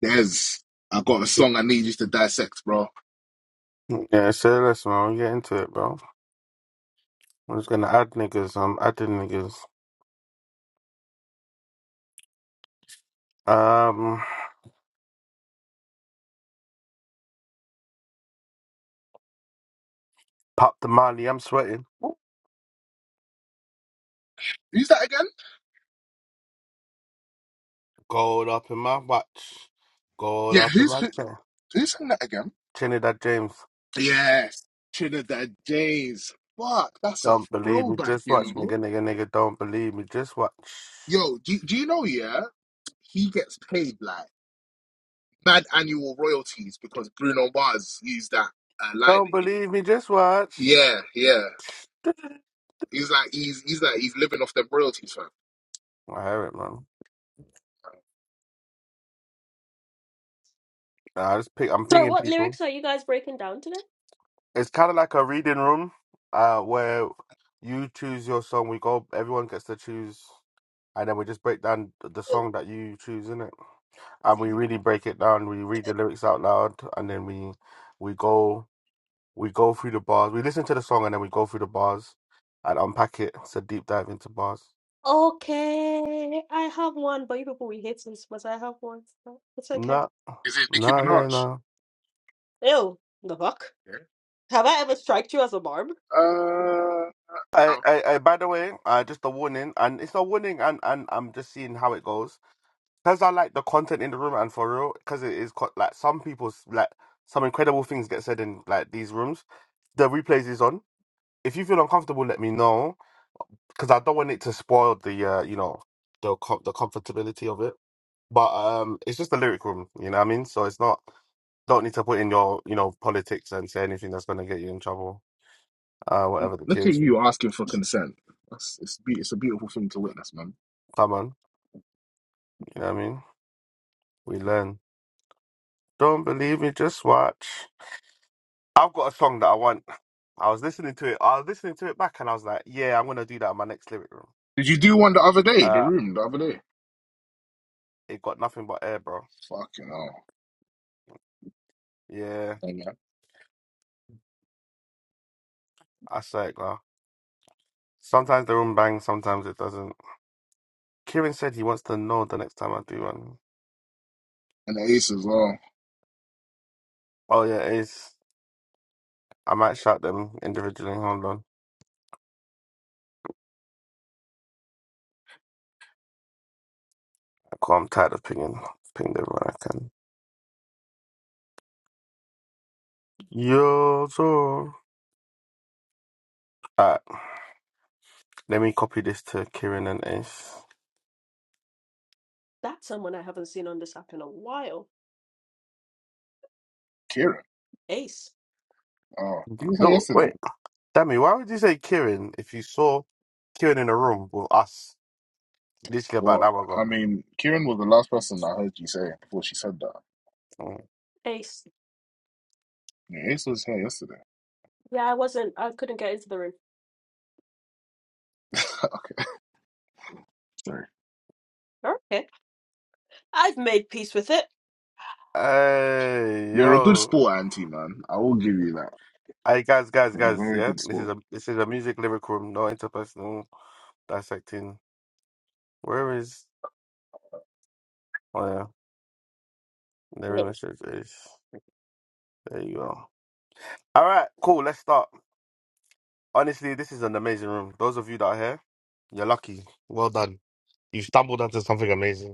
There's I got a song I need you to dissect, bro. Yeah, so listen, man, we'll get into it, bro. I'm just gonna add niggas. I'm adding niggas. Um, pop the money. I'm sweating. Who's that again? Gold up in my watch. Gold Yeah, up in who's my who, chain. who sang that again? Trinidad James. Yes, Trinidad James. Fuck, that's a Don't believe me. throwback, Just you watch, know. nigga, nigga, nigga. Don't believe me. Just watch. Yo, do, do you know? Yeah, he gets paid like mad annual royalties because Bruno Mars used that uh, Don't line in. believe me. Just watch. Yeah, yeah. He's like he's he's like he's living off them royalties, fam. I hear it, man. Nah, I just pick. I'm Sorry, pinging what people. lyrics are you guys breaking down today? it's kind of like a reading room uh where you choose your song we go everyone gets to choose and then we just break down the song that you choose in it and we Okay. really break it down we read the lyrics out loud and then we we go we go through the bars we listen to the song and then we go through the bars and unpack it it's a deep dive into bars Okay, I have one, but you people we hate this, but I have one. so It's okay. no Is it Nicki no yeah Minaj? no Ew, the fuck? Yeah. Have I ever struck you as a barb? Uh, no, I, I, I by the way uh, just a warning and it's a warning and, and i'm just seeing how it goes because I like the content in the room and for real, because it is co- like some people's like some incredible things get said in like these rooms. The replays is on. If you feel uncomfortable, let me know because I don't want it to spoil the uh, you know the com- the comfortability of it. But um, it's just a lyric room, you know what I mean. So it's not don't need to put in your you know politics and say anything that's gonna get you in trouble. Uh, whatever the Look at case. you asking for consent. That's, it's, be, it's a beautiful thing to witness, man. Come on, you know what I mean. We learn. Don't believe me, just watch. I've got a song that I want. I was listening to it. I was listening to it back, and I was like, "Yeah, I'm gonna do that in my next lyric room." Did you do one the other day? The Uh, room the other day. it got nothing but air, bro. Fucking hell. Yeah, And, uh, I say it, bro. Sometimes the room bangs, sometimes it doesn't. Kieran said he wants to know the next time I do one. and the ace as well. Oh yeah, it is. I might shout them individually. Hold on. Cool, I'm tired of pinging. Pinged everyone I can. Yo, so. Alright, let me copy this to Kieran and Ace. That's someone I haven't seen on this app in a while. Kieran. Ace. Oh, he was here No, wait. yesterday. Sammy, why would you say Kieran if you saw Kieran in a room with us literally about an Well, hour ago? I mean, Kieran was the last person I heard you say before she said that. Mm. Ace. Yeah, ace was here yesterday. Yeah, I wasn't. I couldn't get into the room. Sorry. Okay. I've made peace with it. Hey You're a good yo, sport, Auntie, man. I will give you that. hey guys, guys, You're a guys, very yeah, good this is sport. a this is a music lyric room, no interpersonal dissecting. Where is? Oh yeah, the room Yes. message is there. You go. All right, cool. Let's start. Honestly, this is an amazing room. Those of you that are here, you're lucky. Well done. You stumbled onto something amazing.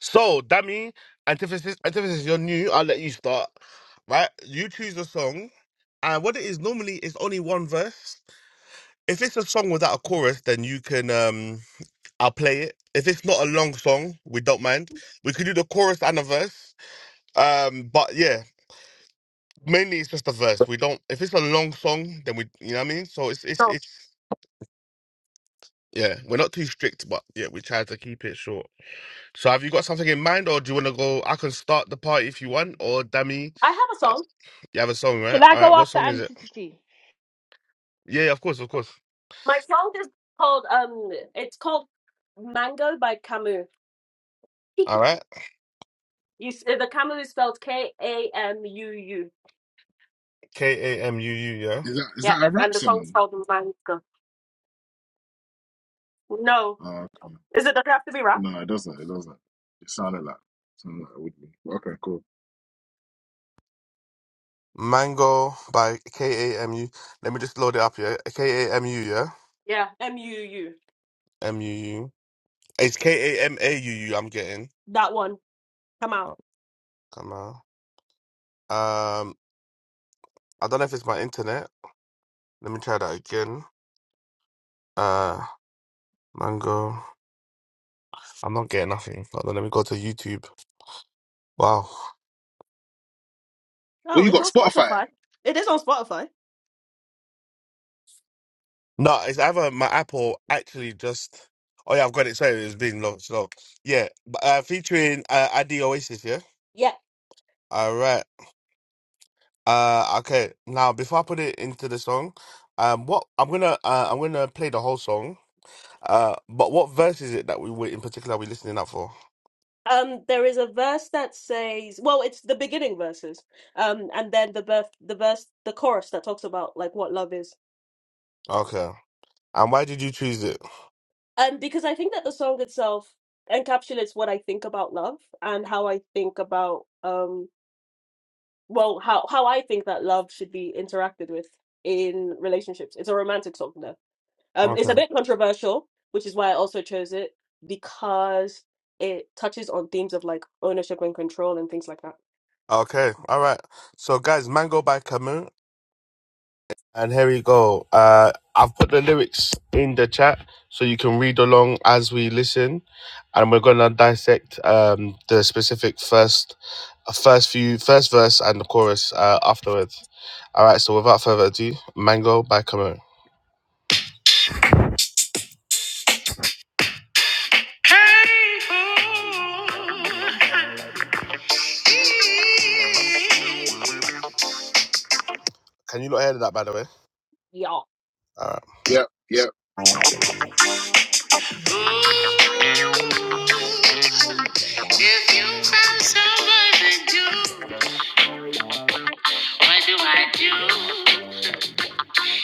So, Dammy, antithesis, antithesis, you're new. I'll let you start. Right? You choose the song. And what it is normally is only one verse. If it's a song without a chorus, then you can um I'll play it. If it's not a long song, we don't mind. We could do the chorus and a verse. Um, but yeah, mainly it's just a verse. We don't if it's a long song, then we you know what I mean? So it's it's No, it's yeah, we're not too strict, but yeah, we try to keep it short. So have you got something in mind, or do you want to go? I can start the party if you want, or Dammy, I have a Uh, song. You have a song, Should right? I All right, go what after song is it? Antipathy? Yeah, yeah, of course, of course. My song is called um, it's called Mango by Camus. All right, You s- the Camus is spelled K A M U U. K A M U U, yeah. Is that is Yeah, that a and rap the song's song? called Mango. No, Oh, okay. is it? Does it have to be rap? No, it doesn't. It doesn't. It sounded like something like it would be. Okay, cool. Mango by K A M U. Let me just load it up, yeah. K A M U, yeah. Yeah, M U U. M U U. It's K A M A U U. I'm getting. That one. Come out. Oh, Come on. Um, I don't know if it's my internet. Let me try that again. Uh, mango. I'm not getting nothing. Hold on, let me go to YouTube. Wow. Well, Oh, you it's got on Spotify. Spotify. It is on Spotify. No, it's either my Apple actually just. Oh yeah, I've got it. Sorry, it was being low. So yeah, but, uh, featuring uh, ID Oasis. Yeah. Yeah. All right. Uh, okay. Now before I put it into the song, um, what I'm gonna uh, I'm gonna play the whole song. Uh, but what verse is it that we were in particular we listening out for? Um, there is a verse that says, well, it's the beginning verses, um, and then the verse, the verse, the chorus that talks about like what love is. Okay. And why did you choose it? And because I think that the song itself encapsulates what I think about love and how I think about um well how how I think that love should be interacted with in relationships. It's a romantic song though. Um it's Okay. a bit controversial, which is why I also chose it because it touches on themes of like ownership and control and things like that. Okay. All right. So guys, Mango by Camus. And here we go. Uh, I've put the lyrics in the chat so you can read along as we listen, and we're gonna dissect um, the specific first, uh, first few, first verse and the chorus uh, afterwards. All right. So without further ado, Mango by Camo. Hey, oh. Can you not hear that, by the way? Yeah. All right. Yep, yep. if you found somebody new. What do I do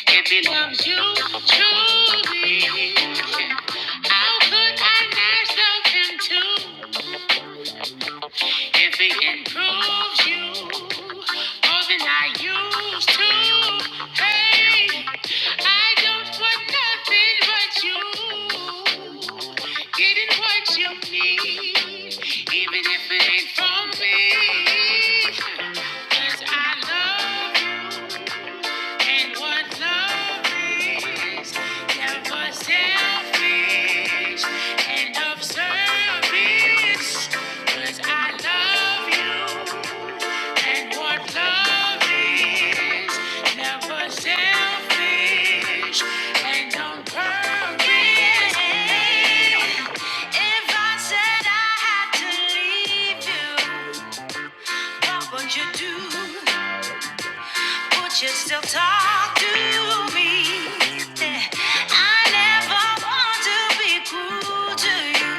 if he loves you truly? How could I not love him too if he improves you more than I used to? Hey, I don't want nothing but you. Getting what you need, even if it ain't from me. 'Cause I love you. And what love is, never selfish and of I love you. And what love is, never selfish and on If I said I had to leave you, what would you do? Would you still talk to me? Yeah, I never want to be cruel to you.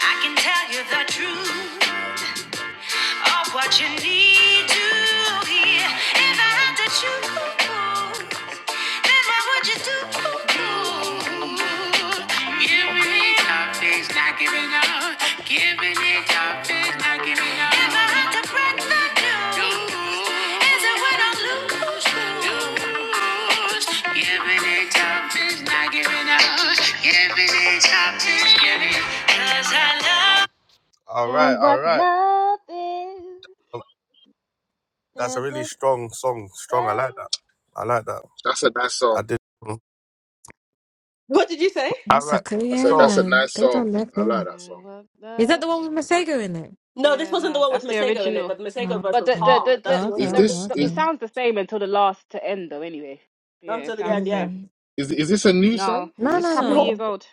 I can tell you the truth. Are what you need to hear. If I had to choose, then what would you do? Giving it up is not giving up. Giving it up is not giving up. If I had to break the news, is it what I lose? Lose. Giving it up is not giving up. Giving it up is giving. 'Cause I love. All right, And all what right. love is That's a really never strong song. Strong. I felt. like that. I like that. That's a nice I song. did. What did you say? All That's a right. cool I said yeah, So that's a man. nice They song. done that I like thing. that song. And what Is that love? the one with Masego in it? No, this yeah, wasn't the no, one with that's the Masego in it, original. but the Masego Oh, verse But was the okay. the hard. the That's the, Oh, the Is okay, original. okay, the, this the it is okay. sounds the same until the last to end though. Anyway, yeah, Until it the sounds the end, yeah. same. Mm-hmm. is is this a new song? No, Is No, it's no, this couple No. years no. old.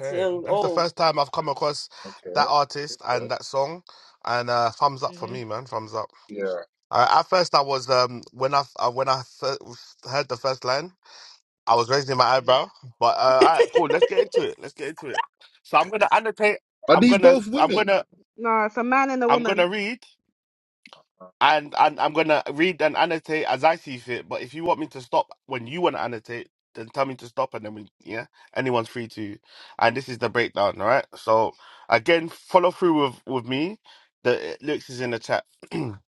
It's um, that's the old. first time I've come across that okay? artist and Okay. that song, and uh, thumbs up for Mhm. me, man. Thumbs up. Yeah. Uh, at first, I was um when I uh, when I fir- heard the first line, I was raising my Mhm. eyebrow. But uh, all right, cool. Let's get into it. Let's get into it. So I'm gonna annotate. Are I'm these gonna. both I'm women? gonna. No, it's a man and a I'm woman. gonna read. Uh, and and I'm gonna read and annotate as I see fit. But if you want me to stop when you want to annotate, then tell me to stop, and then we yeah, anyone's free to. And this is the breakdown, all right? So again, follow through with with me. The uh, lyrics is in the chat. if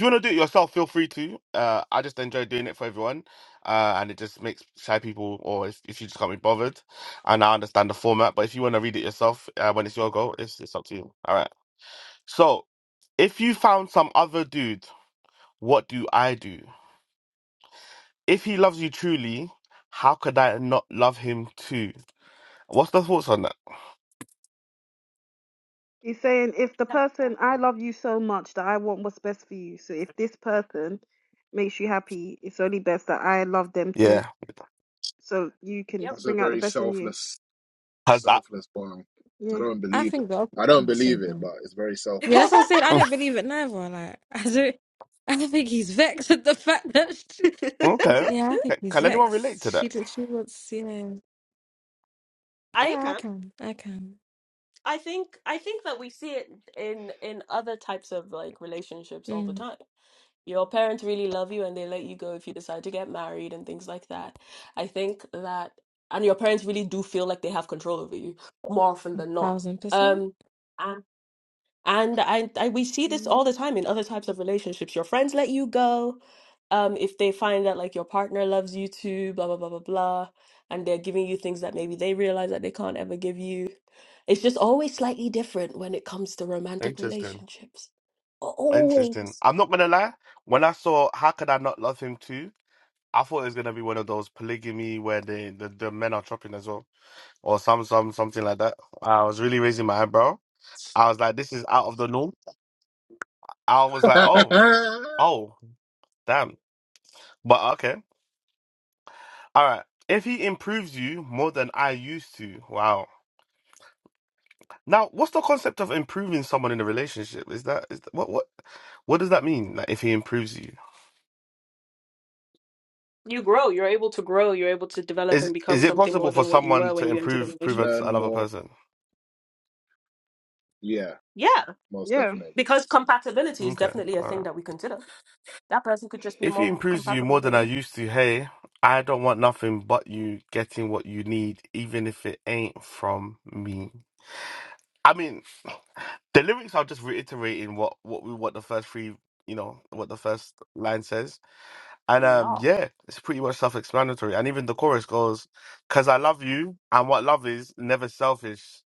you want to do it yourself, feel free to. Uh, I just enjoy doing it for everyone, uh, and it just makes shy people, or if, if you just can't be bothered, and I understand the format. But if you want to read it yourself, uh, when it's your go, it's it's up to you. All right. So if you found some other dude what do I do? If he loves you truly, how could I not love him too? What's the thoughts on that? He's saying if the person I love you so much that I want what's best for you. So if this person makes you happy, it's only best that I love them too. Yeah. so you can Yep. That's a bring out the very best in you. selfless Has that Selfless, wow. I Yeah. don't I believe it. think the op- I don't oh, believe sorry, it, sorry. but it's very Yeah, that's what I'm selfless. I saying. I Mm, don't believe it neither. Like, I don't. I don't think he's vexed at the fact that. She, okay. yeah, I think Can he's can anyone relate to vexed. that? She did. She wants. You know. think Yeah, I i can. I can. I think I think that we see it in in other types of like relationships all the Mm, time. Your parents really love you and they let you go if you decide to get married and things like that. I think that and your parents really do feel like they have control over you more often than not. thousand percent. Um And I, I we see this Mhm. all the time in other types of relationships. Your friends let you go, um, if they find that like your partner loves you too, blah blah blah blah blah, and they're giving you things that maybe they realize that they can't ever give you. It's just always slightly different when it comes to romantic Interesting. relationships. Interesting. Always. I'm not gonna lie, when I saw how could I not love him too, I thought it was gonna be one of those polygamy where the, the, the men are chopping as well. Or some some something like that. I was really raising my eyebrow. I was like, this is out of the norm. I was like, oh, oh, damn. But okay. All right. If he improves you more than I used to, wow. Now, what's the concept of improving someone in a relationship? Is that, is that what what what does that mean? Like, if he improves you, You grow, you're able to grow, you're able to develop and is become is it something more possible for than what you someone were to when you enter the improve prove relation. us Learn another more. person? Yeah, Yeah, most Yeah. definitely. because compatibility is Okay, definitely a all thing right. that we consider. That person could just be If he more improves you compatible more than than I you. used to, hey, I don't want nothing but you getting what you need, even if it ain't from me. I mean. The lyrics are just reiterating what what we what the first three you know what the first line says, and um Yeah. yeah, it's pretty much self-explanatory. And even the chorus goes, "Cause I love you, and what love is never selfish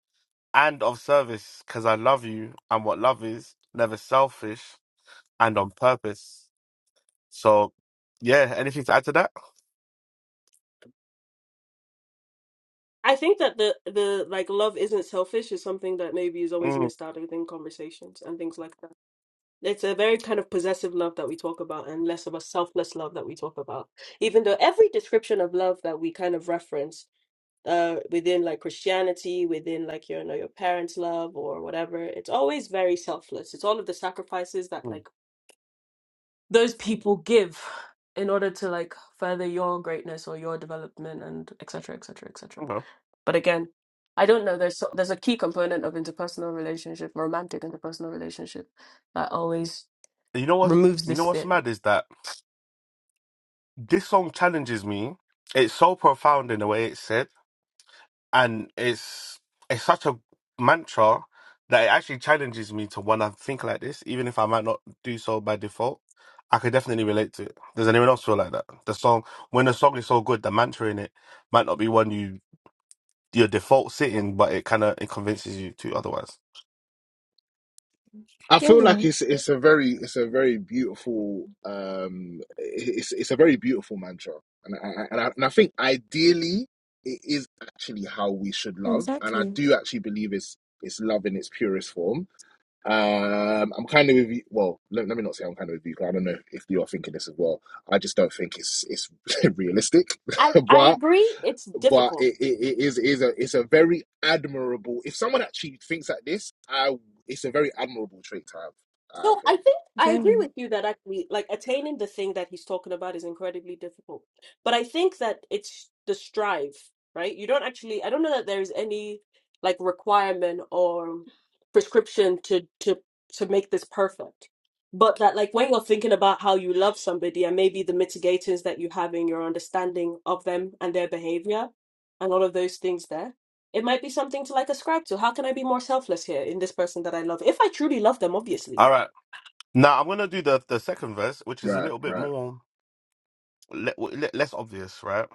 and of service. Cause I love you, and what love is never selfish and on purpose." So yeah, anything to add to that? I think that the the like love isn't selfish is something that maybe is always Mm. missed out within conversations and things like that. It's a very kind of possessive love that we talk about and less of a selfless love that we talk about. Even though every description of love that we kind of reference uh within like Christianity, within like you know your parents' love or whatever, it's always very selfless. It's all of the sacrifices that Mm, like those people give in order to like further your greatness or your development and et cetera, et cetera, et cetera. Okay. But again, I don't know. There's so- there's a key component of interpersonal relationship, romantic interpersonal relationship, that always You know what? removes You this know bit. what's mad is that this song challenges me. It's so profound in the way it's said, and it's it's such a mantra that it actually challenges me to want to think like this, even if I might not do so by default. I could definitely relate to it. Does anyone else feel like that? The song, when the song is so good, the mantra in it might not be one you your default setting, but it kind of it convinces you to otherwise. I Yeah, feel yeah. like it's it's a very it's a very beautiful um it's it's a very beautiful mantra, and I, and I, and I think ideally it is actually how we should love, and I Exactly. do actually believe it's it's love in its purest form. Um, I'm kind of with you. Well, let, let me not say I'm kind of with you, you. 'cause I don't know if you're thinking this as well. I just don't think it's it's realistic, I, I but agree it's but difficult. it, it, it is it is a it's a very admirable. If someone actually thinks like this, I it's a very admirable trait to have. I So I think. think I agree Very. with you that actually, like attaining the thing that he's talking about is incredibly difficult. But I think that it's the strive, right? You don't actually, I don't know that there is any like requirement or prescription to to to make this perfect. But that like when you're thinking about how you love somebody and maybe the mitigators that you have in your understanding of them and their behavior and all of those things there, it might be something to like ascribe to. How can I be more selfless here in this person that I love? If I truly love them, obviously All right. Now I'm gonna do the the second verse, which is a Right, little bit right. more le- le- less obvious, right?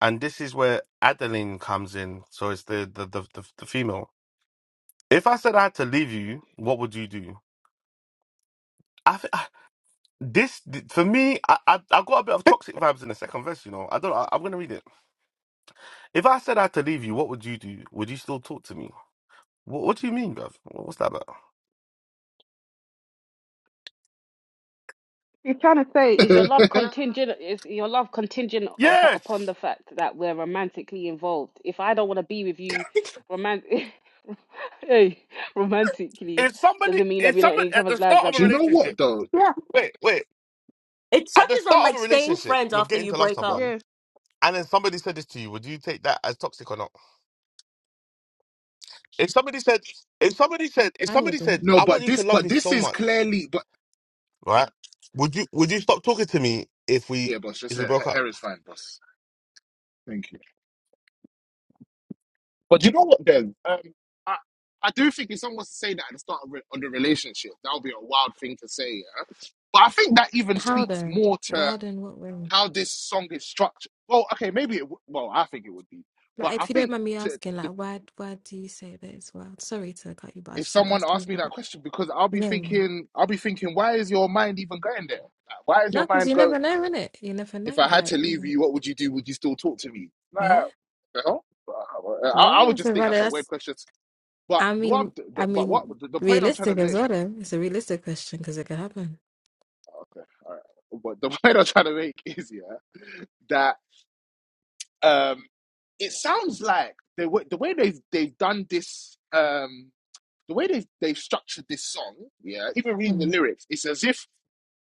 And this is where Adeline comes in. So it's the the the, the, the female. If I said I had to leave you, what would you do? I th- ah, this for me, I, I I got a bit of toxic vibes in the second verse. You know, I don't. I, I'm gonna read it. If I said I had to leave you, what would you do? Would you still talk to me? What, what do you mean, bruv? What's that about? You're trying to say Is your love contingent? Is your love contingent up, Yes. upon the fact that we're romantically involved? If I don't want to be with you, romant hey, romantically If somebody, doesn't mean that if we're not in somebody each at the other's lives start of a at Do you all. know what relationship, though? yeah. wait, wait, It at the touches on start like of a staying relationship, friends you're after getting you to love break up. someone, yeah. and then somebody said this to you, would you take that as toxic or not? If somebody said, if somebody I, said, if I somebody would. said, No, I want but you to this love but me this so is much, clearly but right? Would you, would you stop talking to me if we, yeah, boss. Just if we hair, broke up? hair is fine, boss. Thank you. But do you know what, then? Um, I, I do think if someone was to say that at the start of, re- of the relationship, that would be a wild thing to say, yeah? But I think that even How speaks though? more to Wow, then what way? how this song is structured. Well, okay, maybe it, w- well, I think it would be. Like, But I if you don't think mind me to, asking, like, to, why why do you say that as well? Sorry to cut you, but I if just want to someone ask you asked me about that that. question, because I'll be Yeah, thinking, I'll be thinking, why is your mind even going there? Like, why is your no, because mind you go, never know, innit? You never know. if I had Like, to you leave know, you, what would you do? Would you still talk to me? Like, yeah, the hell? I, I would yeah. just So, think rather, that's a weird that's. question But I what I'm, mean, the, I but what mean, the, the point I'm trying to realistic as make, well. Though. It's a realistic question because it could happen. okay, all right. But the point I'm trying to make is yeah that um, it sounds like they the way they've they've done this um the way they've they've structured this song yeah even reading the Mm-hmm. lyrics it's as if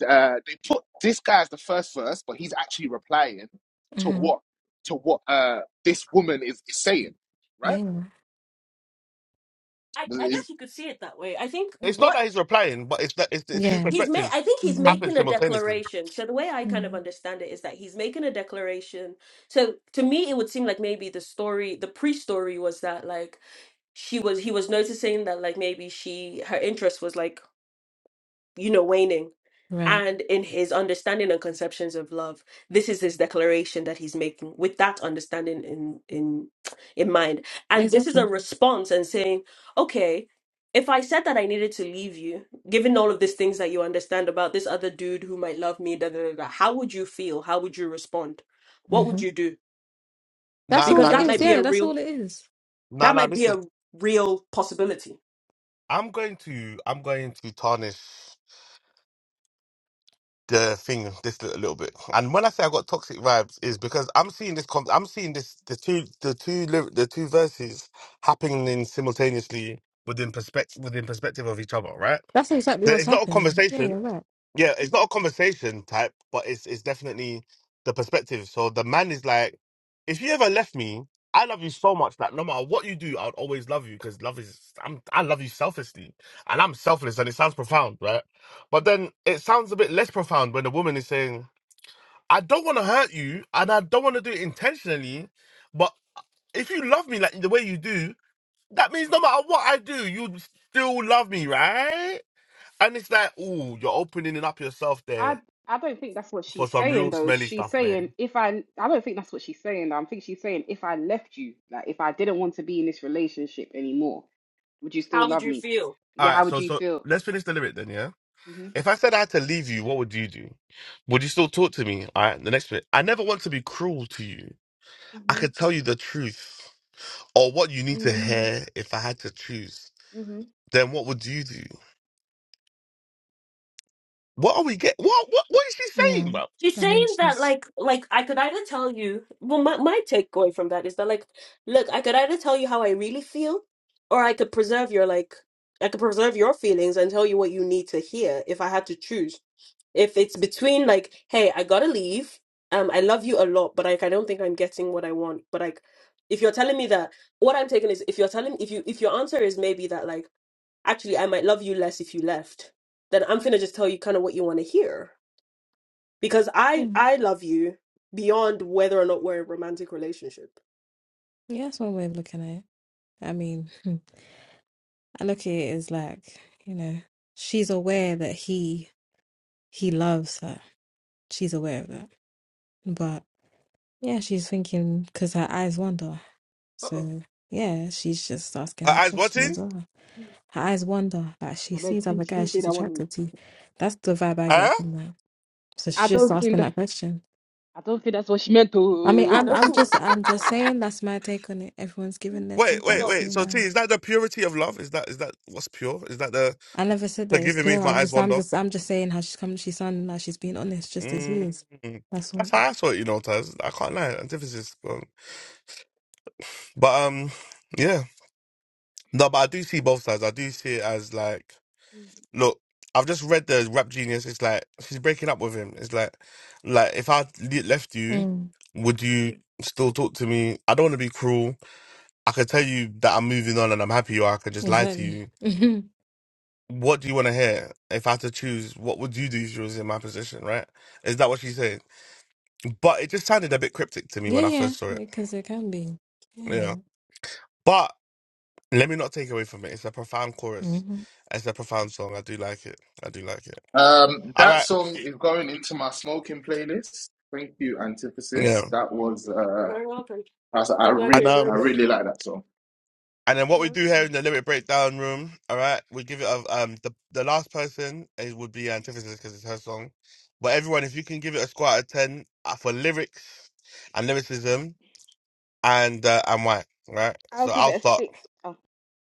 uh, they put this guy as the first verse but he's actually replying to Mm-hmm. what to what uh this woman is, is saying right Yeah. I, I Is- guess you could see it that way. I think It's not what that he's replying, but it's that it's, it's two Yeah. He's made, perspectives I think he's Mm-hmm. happen making a simultaneously. declaration. So the way I kind of mm understand it is that he's making a declaration. So to me, it would seem like maybe the story, the pre-story was that like she was, he was noticing that like maybe she, her interest was like, you know, waning. Right. And in his understanding and conceptions of love, this is his declaration that he's making with that understanding in in in mind. And this is a Exactly. response and saying, okay, if I said that I needed to leave you, given all of these things that you understand about this other dude who might love me, da da da, da how would you feel? How would you respond? What would Mm-hmm. you do? That's Now, all Because now it that is. might be listen, a Yeah, that's real all it is. now, that now might be listen. a real possibility. I'm going to, I'm going to tarnish. the thing this little, little bit. And when I say I got toxic vibes, is because I'm seeing this. com- I'm seeing this the two the two lyri- the two verses happening simultaneously within perspective within perspective of each other. Right? That's exactly There- what's It's not a happening. Yeah, conversation. you're right. Yeah, it's not a conversation type, but it's it's definitely the perspective. So the man is like, if you ever left me, I love you so much that no matter what you do, I'd always love you because love is I'm I love you selflessly, and I'm selfless, and it sounds profound, right? But then it sounds a bit less profound when the woman is saying, I don't want to hurt you, and I don't want to do it intentionally, but if you love me like the way you do, that means no matter what I do, you still love me, right? And it's like, oh, you're opening up yourself there I I don't think that's what for she's some saying real though. smelly She's stuff, saying man. if I I don't think that's what she's saying. though. I think she's saying if I left you, like if I didn't want to be in this relationship anymore, would you still How would love you me? feel? All Yeah, how right, would so you so feel? let's finish the lyric then, yeah. Mhm. If I said I had to leave you, what would you do? Would you still talk to me? All right, the next bit. I never want to be cruel to you. I Mhm. could tell you the truth or what you need to Mhm. hear if I had to choose. Mhm. Then what would you do? What are we get? What what what is she Yeah. saying, bro? She's I mean, saying that she's. like like I could either tell you well my, my takeaway from that is that like look I could either tell you how I really feel or I could preserve your like I could preserve your feelings and tell you what you need to hear if I had to choose if it's between like hey I gotta leave um I love you a lot but like I don't think I'm getting what I want but like if you're telling me that what I'm taking is if you're telling if you if your answer is maybe that like actually I might love you less if you left then I'm gonna just tell you kind of what you want to hear because I Mm. I love you beyond whether or not we're in a romantic relationship. Yeah, that's one way of looking at it. I mean, I look at it as like, you know, she's aware that he he loves her. She's aware of that. But yeah, she's thinking because her eyes wander. Uh-oh. So yeah, she's just asking Her that eyes question watching? as well. Her eyes wander. Like she I bet sees she other she didn't guys say she's that one. oh. attracted to. That's the vibe I Huh? get from that. So I she's just don't think asking that. that question. I don't think that's what she meant I mean, to. I I'm don't I'm think that's just something I'm just minor. saying that's my take on it. Everyone's Mm, giving their Wait, take. I'm wait, So wait. still So T, mine. is that the purity of love? Is that is that what's pure? Is that the I never said that it's forgiving me pure. if my I'm eyes just, I'm wander? just, I'm just saying how she's coming. She's sounding like she's being honest, just as he is. Mm, That's that's all. how I saw it, you know, Taz. I can't lie. Antithesis. But um, yeah, no, but I do see both sides. I do see it as like, mm, look, I've just read the rap genius. It's like she's breaking up with him. It's like, like if I le- left you, Mm, would you still talk to me? I don't want to be cruel. I could tell you that I'm moving on and I'm happy, or I could just lie to exactly. you. hmm What do you want to hear? If I had to choose, what would you do if you was in my position? Right? Is that what she said? But it just sounded a bit cryptic to me Yeah, when I yeah. first saw it. Because it can be. Yeah. Yeah. but. Let me not take away from it. It's a profound chorus. Mm-hmm. It's a profound song. I do like it. I do like it. Um, All that right. song is going into my smoking playlist. Thank you, Yeah. Antithesis. That mm. was you're uh, very welcome. I, was- I I'm glad re- you And um I enjoyed it. really like that song. and then what we Well, do here in the lyric breakdown room, all right, we give it a um the the last person is would be Antithesis because it's her song. But everyone, if you can give it a score out of ten uh, for lyrics and lyricism and uh, and why, all right? I'll So give I'll it a start. six. Oh,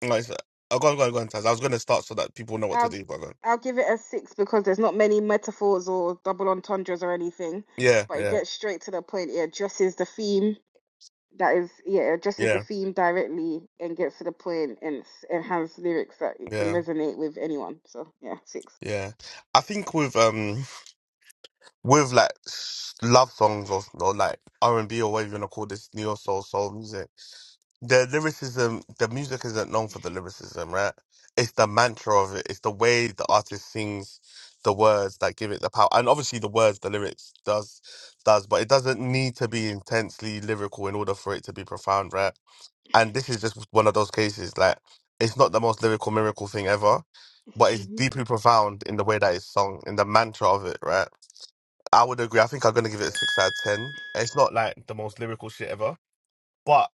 Like, so, oh, go on, go on, go on, Taz. I was going to start so that people know what to I'll do. But go on. I'll give it a six because there's not many metaphors or double entendres or anything, yeah, but it yeah, gets straight to the point. It addresses the theme. That is, yeah, it addresses the yeah, theme directly and gets to the point and s- and has lyrics that it can yeah, resonate with anyone. So yeah, six. yeah. I think with um with like s- love songs or, or like R and B or whatever you wanna call this neo soul soul music. The lyricism, the music isn't known for the lyricism, right? It's the mantra of it. It's the way the artist sings the words that give it the power, and obviously the words, the lyrics does does, but it doesn't need to be intensely lyrical in order for it to be profound, right? And this is just one of those cases. Like it's not the most lyrical miracle thing ever, but it's Mhm. deeply profound in the way that it's sung, in the mantra of it, right? I would agree. I think I'm gonna give it a six out of ten. It's not like the most lyrical shit ever, but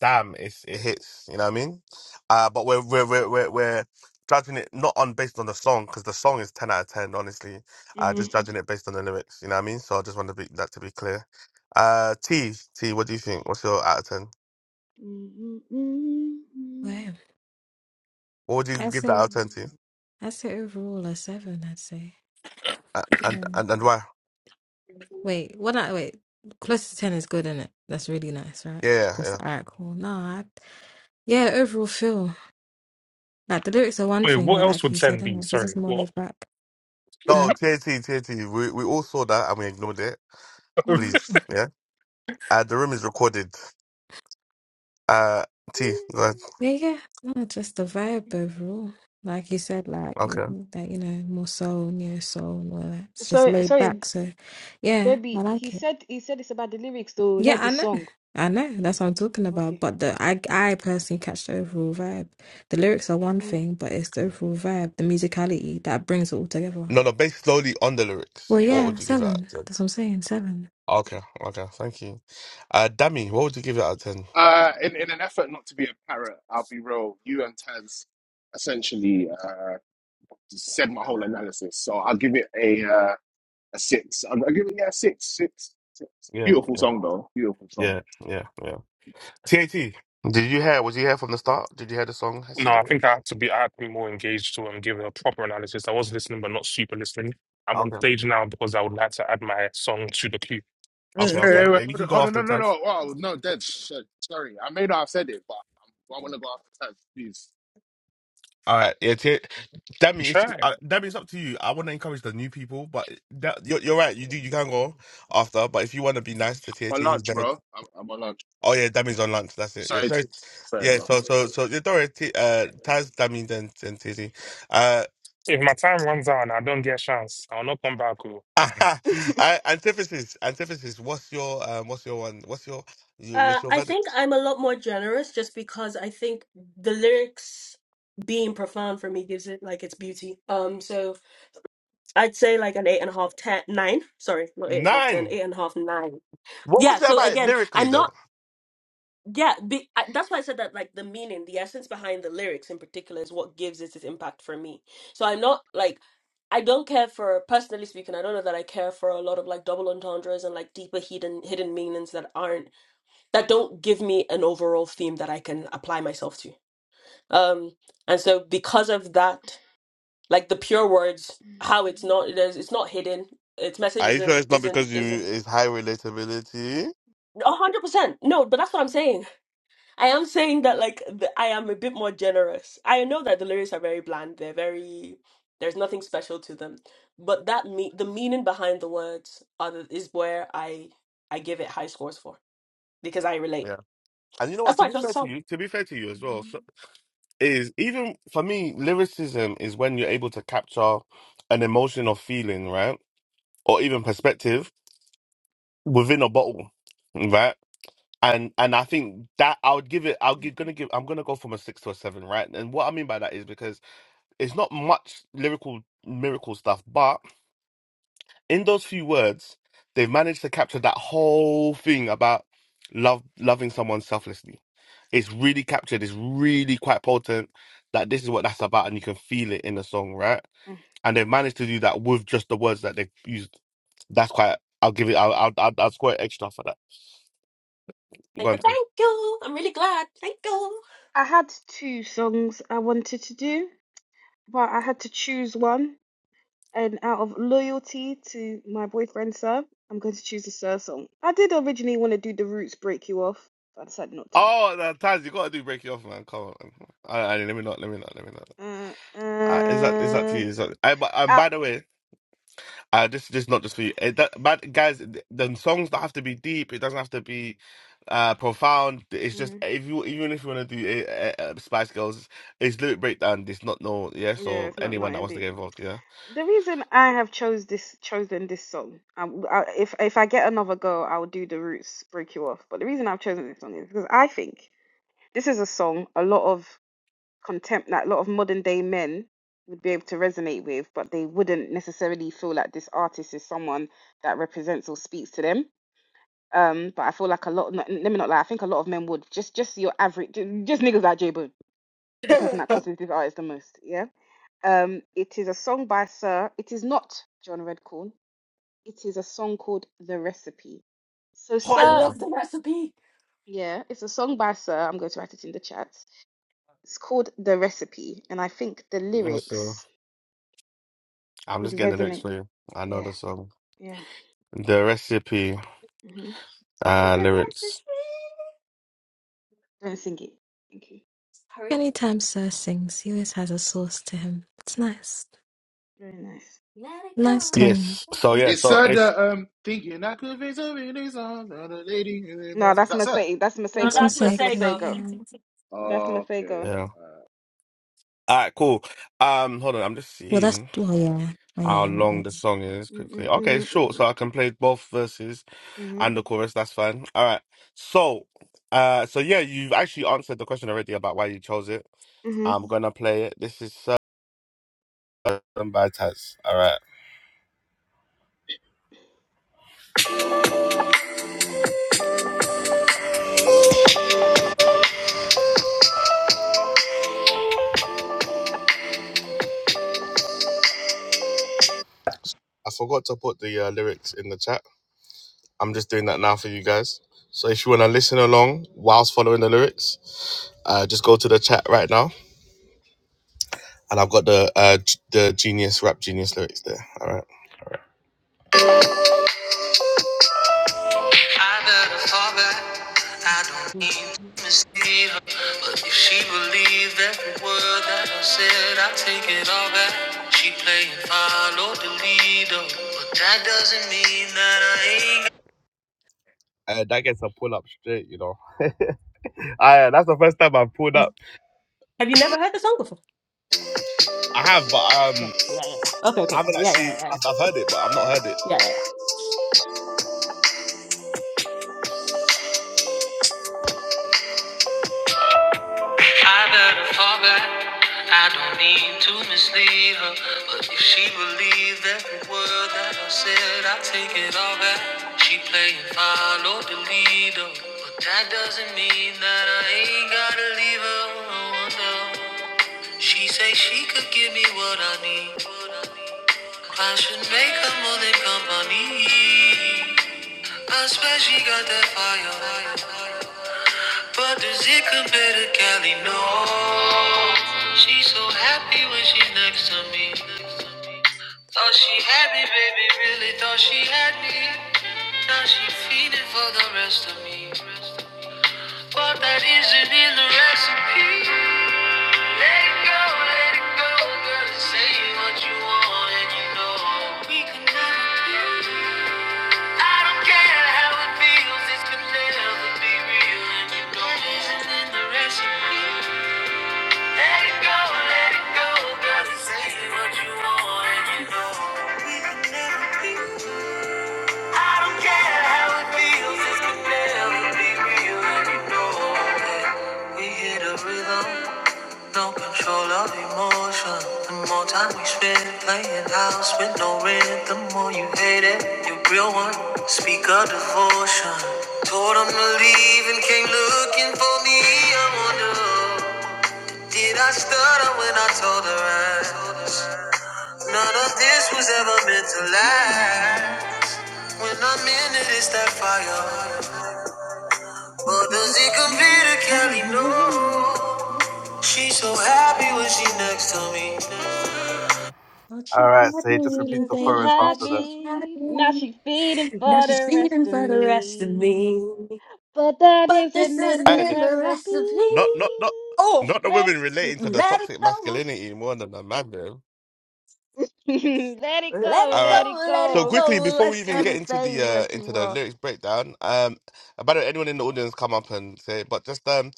damn, it's it hits. You know what I mean? Uh, but we're we're we're we're, we're judging it not on based on the song because the song is ten out of ten. Honestly, uh, Mhm. just judging it based on the lyrics. You know what I mean? So I just want to be that to be clear. Uh, T T, what do you think? What's your out of ten? Mhm. Mhm. Wow. What would you I give that say, out of ten to? I say overall a seven. I'd say. Uh, and Yeah. and and why? Wait, what? I, wait, close to ten is good, isn't it? That's really nice, right? Yeah, yeah. Just yeah. alright, cool. No, I, yeah. Overall feel like the lyrics are one Wait, thing, what but else like would you Sen said, isn't be? it? Because Sorry, it's more what? laid back, No, huh? T A T T A T. We we all saw that and we ignored it. Mm. Please, yeah. Uh, the room is recorded. Uh, T, go ahead. Nigga, not just the vibe, but bro. Like you said, like it- Okay. that, you know, more soul, neo soul, and all that. It's just Sorry, laid sorry, back. So, yeah, I baby. He like it. said he said it's about the lyrics though, Yeah, not the I know, song. I know. That's what I'm talking about. Okay, But the I, okay. I personally catch the overall vibe. The lyrics are one Mm, thing, but it's the overall vibe, the musicality that brings it all together. No, no, based slowly on the lyrics. Well, What yeah, would you give it out of seven. 10? That's what I'm saying. Seven. Okay, okay, thank you. Uh, Dami, what would you give it out of 10? Uh, in in an effort not to be a parrot, I'll be real. You and Taz essentially uh, said my whole analysis, so I'll give it a uh, A six. I'll, I'll give it, yeah, six, six, six. Yeah, Beautiful yeah, song, though. Beautiful song. yeah, yeah, yeah. TAT, did you hear, was you here from the start? Did you hear the song? I see No, I that. think I had to be. I had to be more engaged to and give a proper analysis. I was listening, but not super listening. I'm on Okay, stage now because I would like to add my song to the queue. Hey, okay, hey, yeah. hey, okay. Yeah, wait, you hold on, can go hold on, after no, the no, time. no. Oh, no, Dev, shit. Sorry, I may not have said it, but I'm, I want to go after Taz, please. All right, yeah, T- Dami, if you, Try. uh, Dami, it's up to you. I want to encourage the new people, but that, you're, you're right. You do, you can go after, but if you want to be nice to My TAT, who's lunch, never bro. I'm, I'm on lunch. Oh yeah, that means on lunch. That's it. Yeah, Sorry, Tink, sorry. Tink. Sorry, Yeah, bro. so so so yeah, don't worry. T- uh, Taz, that means and and Tizzy. Uh, If my time runs out and I don't get a chance, I'll not come back. oh. Mm. I- antithesis, antithesis. What's your um? What's your one? What's your you? Uh, What's your I think verdict? I'm a lot more generous just because I think the lyrics being profound for me gives it like its beauty. Um, so I'd say like an eight and a half, ten, nine. Sorry, not eight and a half, ten, Nine. eight and a half, nine. What Yeah, was it so about again, lyrically I'm though? not, yeah, be, I, that's why I said that like the meaning, the essence behind the lyrics in particular is what gives it its impact for me. So I'm not like, I don't care for, personally speaking, I don't know that I care for a lot of like double entendres and like deeper hidden hidden meanings that aren't, that don't give me an overall theme that I can apply myself to. Um, and so because of that, like the pure words, how it's not, it is, it's not hidden. Its message Are you sure isn't it's not isn't because you isn't it's high relatability? a hundred percent no, but that's what I'm saying. I am saying that like the, I am a bit more generous. I know that the lyrics are very bland. They're very there's nothing special to them, but that me the meaning behind the words are the, is where I I give it high scores for because I relate. Yeah. And you know That's what? why To I be chose fair the to song. you, to be fair to you as well, so, is even for me, lyricism is when you're able to capture an emotion or feeling, right, or even perspective within a bottle, right? And and I think that I would give it. I'll give, gonna give. I'm gonna go from a six to a seven, right? And what I mean by that is because it's not much lyrical miracle stuff, but in those few words, they've managed to capture that whole thing about love, loving someone selflessly. It's really captured. It's really quite potent. That this is what that's about, and you can feel it in the song, right? Mm. And they've managed to do that with just the words that they've used. That's quite. I'll give it. I'll. I'll. I'll, I'll score it extra for that. Go Thank, you, on, thank you. I'm really glad. Thank you. I had two songs I wanted to do, but I had to choose one. And out of loyalty to my boyfriend Sir, I'm going to choose the Sir song. I did originally want to do the Roots "Break You Off," but I decided not to. Oh, no, Taz, you gotta do break it off, man. Come on, man. I, I, let me not, let me not, let me not. Uh, I, is that is that to uh, you? Is that, I, but um, out. by the way, uh, this this not just for you. It, that, but guys, the, the songs don't have to be deep. It doesn't have to be uh profound. It's just hmm if you even if you want to do uh, uh, Spice Girls, it's lyric breakdown. It's not no yeah. Yeah, So it's not anyone not that wants to indeed. get involved, yeah. the reason I have chose this chosen this song, um, I, if if I get another go, I'll do the roots, break you off. But the reason I've chosen this song is because I think this is a song a lot of contempt, like a lot of modern day men would be able to resonate with, but they wouldn't necessarily feel like this artist is someone that represents or speaks to them. Um, but I feel like a lot, let me not lie, I think a lot of men would just just your average, just niggas like J Bone, the person that oh, cusses this artist the most, yeah. Um, it is a song by Sir. It is not John Redcorn. It is a song called The Recipe. So, I Sir, love th- the recipe. yeah, it's a song by Sir. I'm going to write it in the chat. It's called The Recipe, and I think the Yeah, So lyrics I'm would just getting the lyrics resonate. for you. I know Yeah, the song. yeah. The recipe. hmm It's Uh a lyrics. recipe. Don't sing it. Thank you. Hurry, Anytime Sir sings, he always has a source to him. It's nice, Very nice. Let it go. nice tone. Yes. Let it So yeah, It's so Sir it's that um thinking I could face a everything song. Another lady is No, that's that Sir? Masego. That's go. No, That's my Masego. that's That's say. Masego. Masego. Yeah. That's Okay. Masego. yeah. Alright, cool. Um hold on, I'm just Well, that's seeing well, yeah, well, how yeah, long that the is. song is quickly. Okay, Mm-hmm. it's short, so I can play both verses Mm-hmm. and the chorus, that's fine. Alright. So uh so yeah, you've actually answered the question already about why you chose it. I'm gonna play it. This is Certain by Taz. Alright. I forgot to put the uh, lyrics in the chat. I'm just doing that now for you guys. So if you wanna listen along whilst following the lyrics, uh just go to the chat right now and I've got the uh, g- the genius rap genius lyrics there. All right. I better fall back. I don't mean to mislead her, but if she believed every word that I said, I take it all back. She playing follow the leader, but that doesn't mean that I ain't. Uh, that gets a pull up straight, you know. I, that's the first time I've pulled up. Have you never heard the song before? I have, but um, Yeah, yeah. yeah. Okay, I okay. haven't Yeah, yeah, actually. yeah. Yeah, I've, I've heard it, but I've not heard it. yeah. yeah. I better fall back. I don't mean to mislead her, but if she believed every word that I said, I take it all back. She playing follow the leader, but that doesn't mean that I ain't gotta leave her. No. She say she could give me what I need. I should make her more than company. I swear she got that fire. But does it compare to Kelly? No. She's so happy when she's next to me. Thought she had me, baby, really thought she had me. Now she feeding for the rest of me. But that isn't in the recipe. Let it go, let it go, girl. Say what you want, and you know we can never be. I don't care how it feels, this could never be real, and you know this not in the recipe. Let it go, let it go, girl, this what you want, and you know we can never be. Yeah, how it feels, this could never be real, and We hit a rhythm, no control of emotion. The more time we spend playing house with no rent, the more you hate it. You real one, speak of devotion. Told him to leave and came looking for me. I wonder, did I stutter when I told her? I- None Thought of this she had was me, ever meant to last. When I'm in it, it's that fire. But does it compare to Kelly? No. She's so happy when she next to me. All right, say just repeat really, the She baby. chorus had Thought after she had me. Now me. she's feeding Now for she's the rest feeding of for the rest of me. me. But that But this isn't in isn't the that. Hey, in the recipe. recipe. not not not Oh, not the Let it, women relating to the let it toxic go. masculinity more than the man, though. Mm. let it Let go, All it right. let it go. Let So it go. quickly go. before Let we it even Girl, go. get just into say the uh what you into the want. lyrics breakdown, um, about anyone in the audience come up and say, but just um.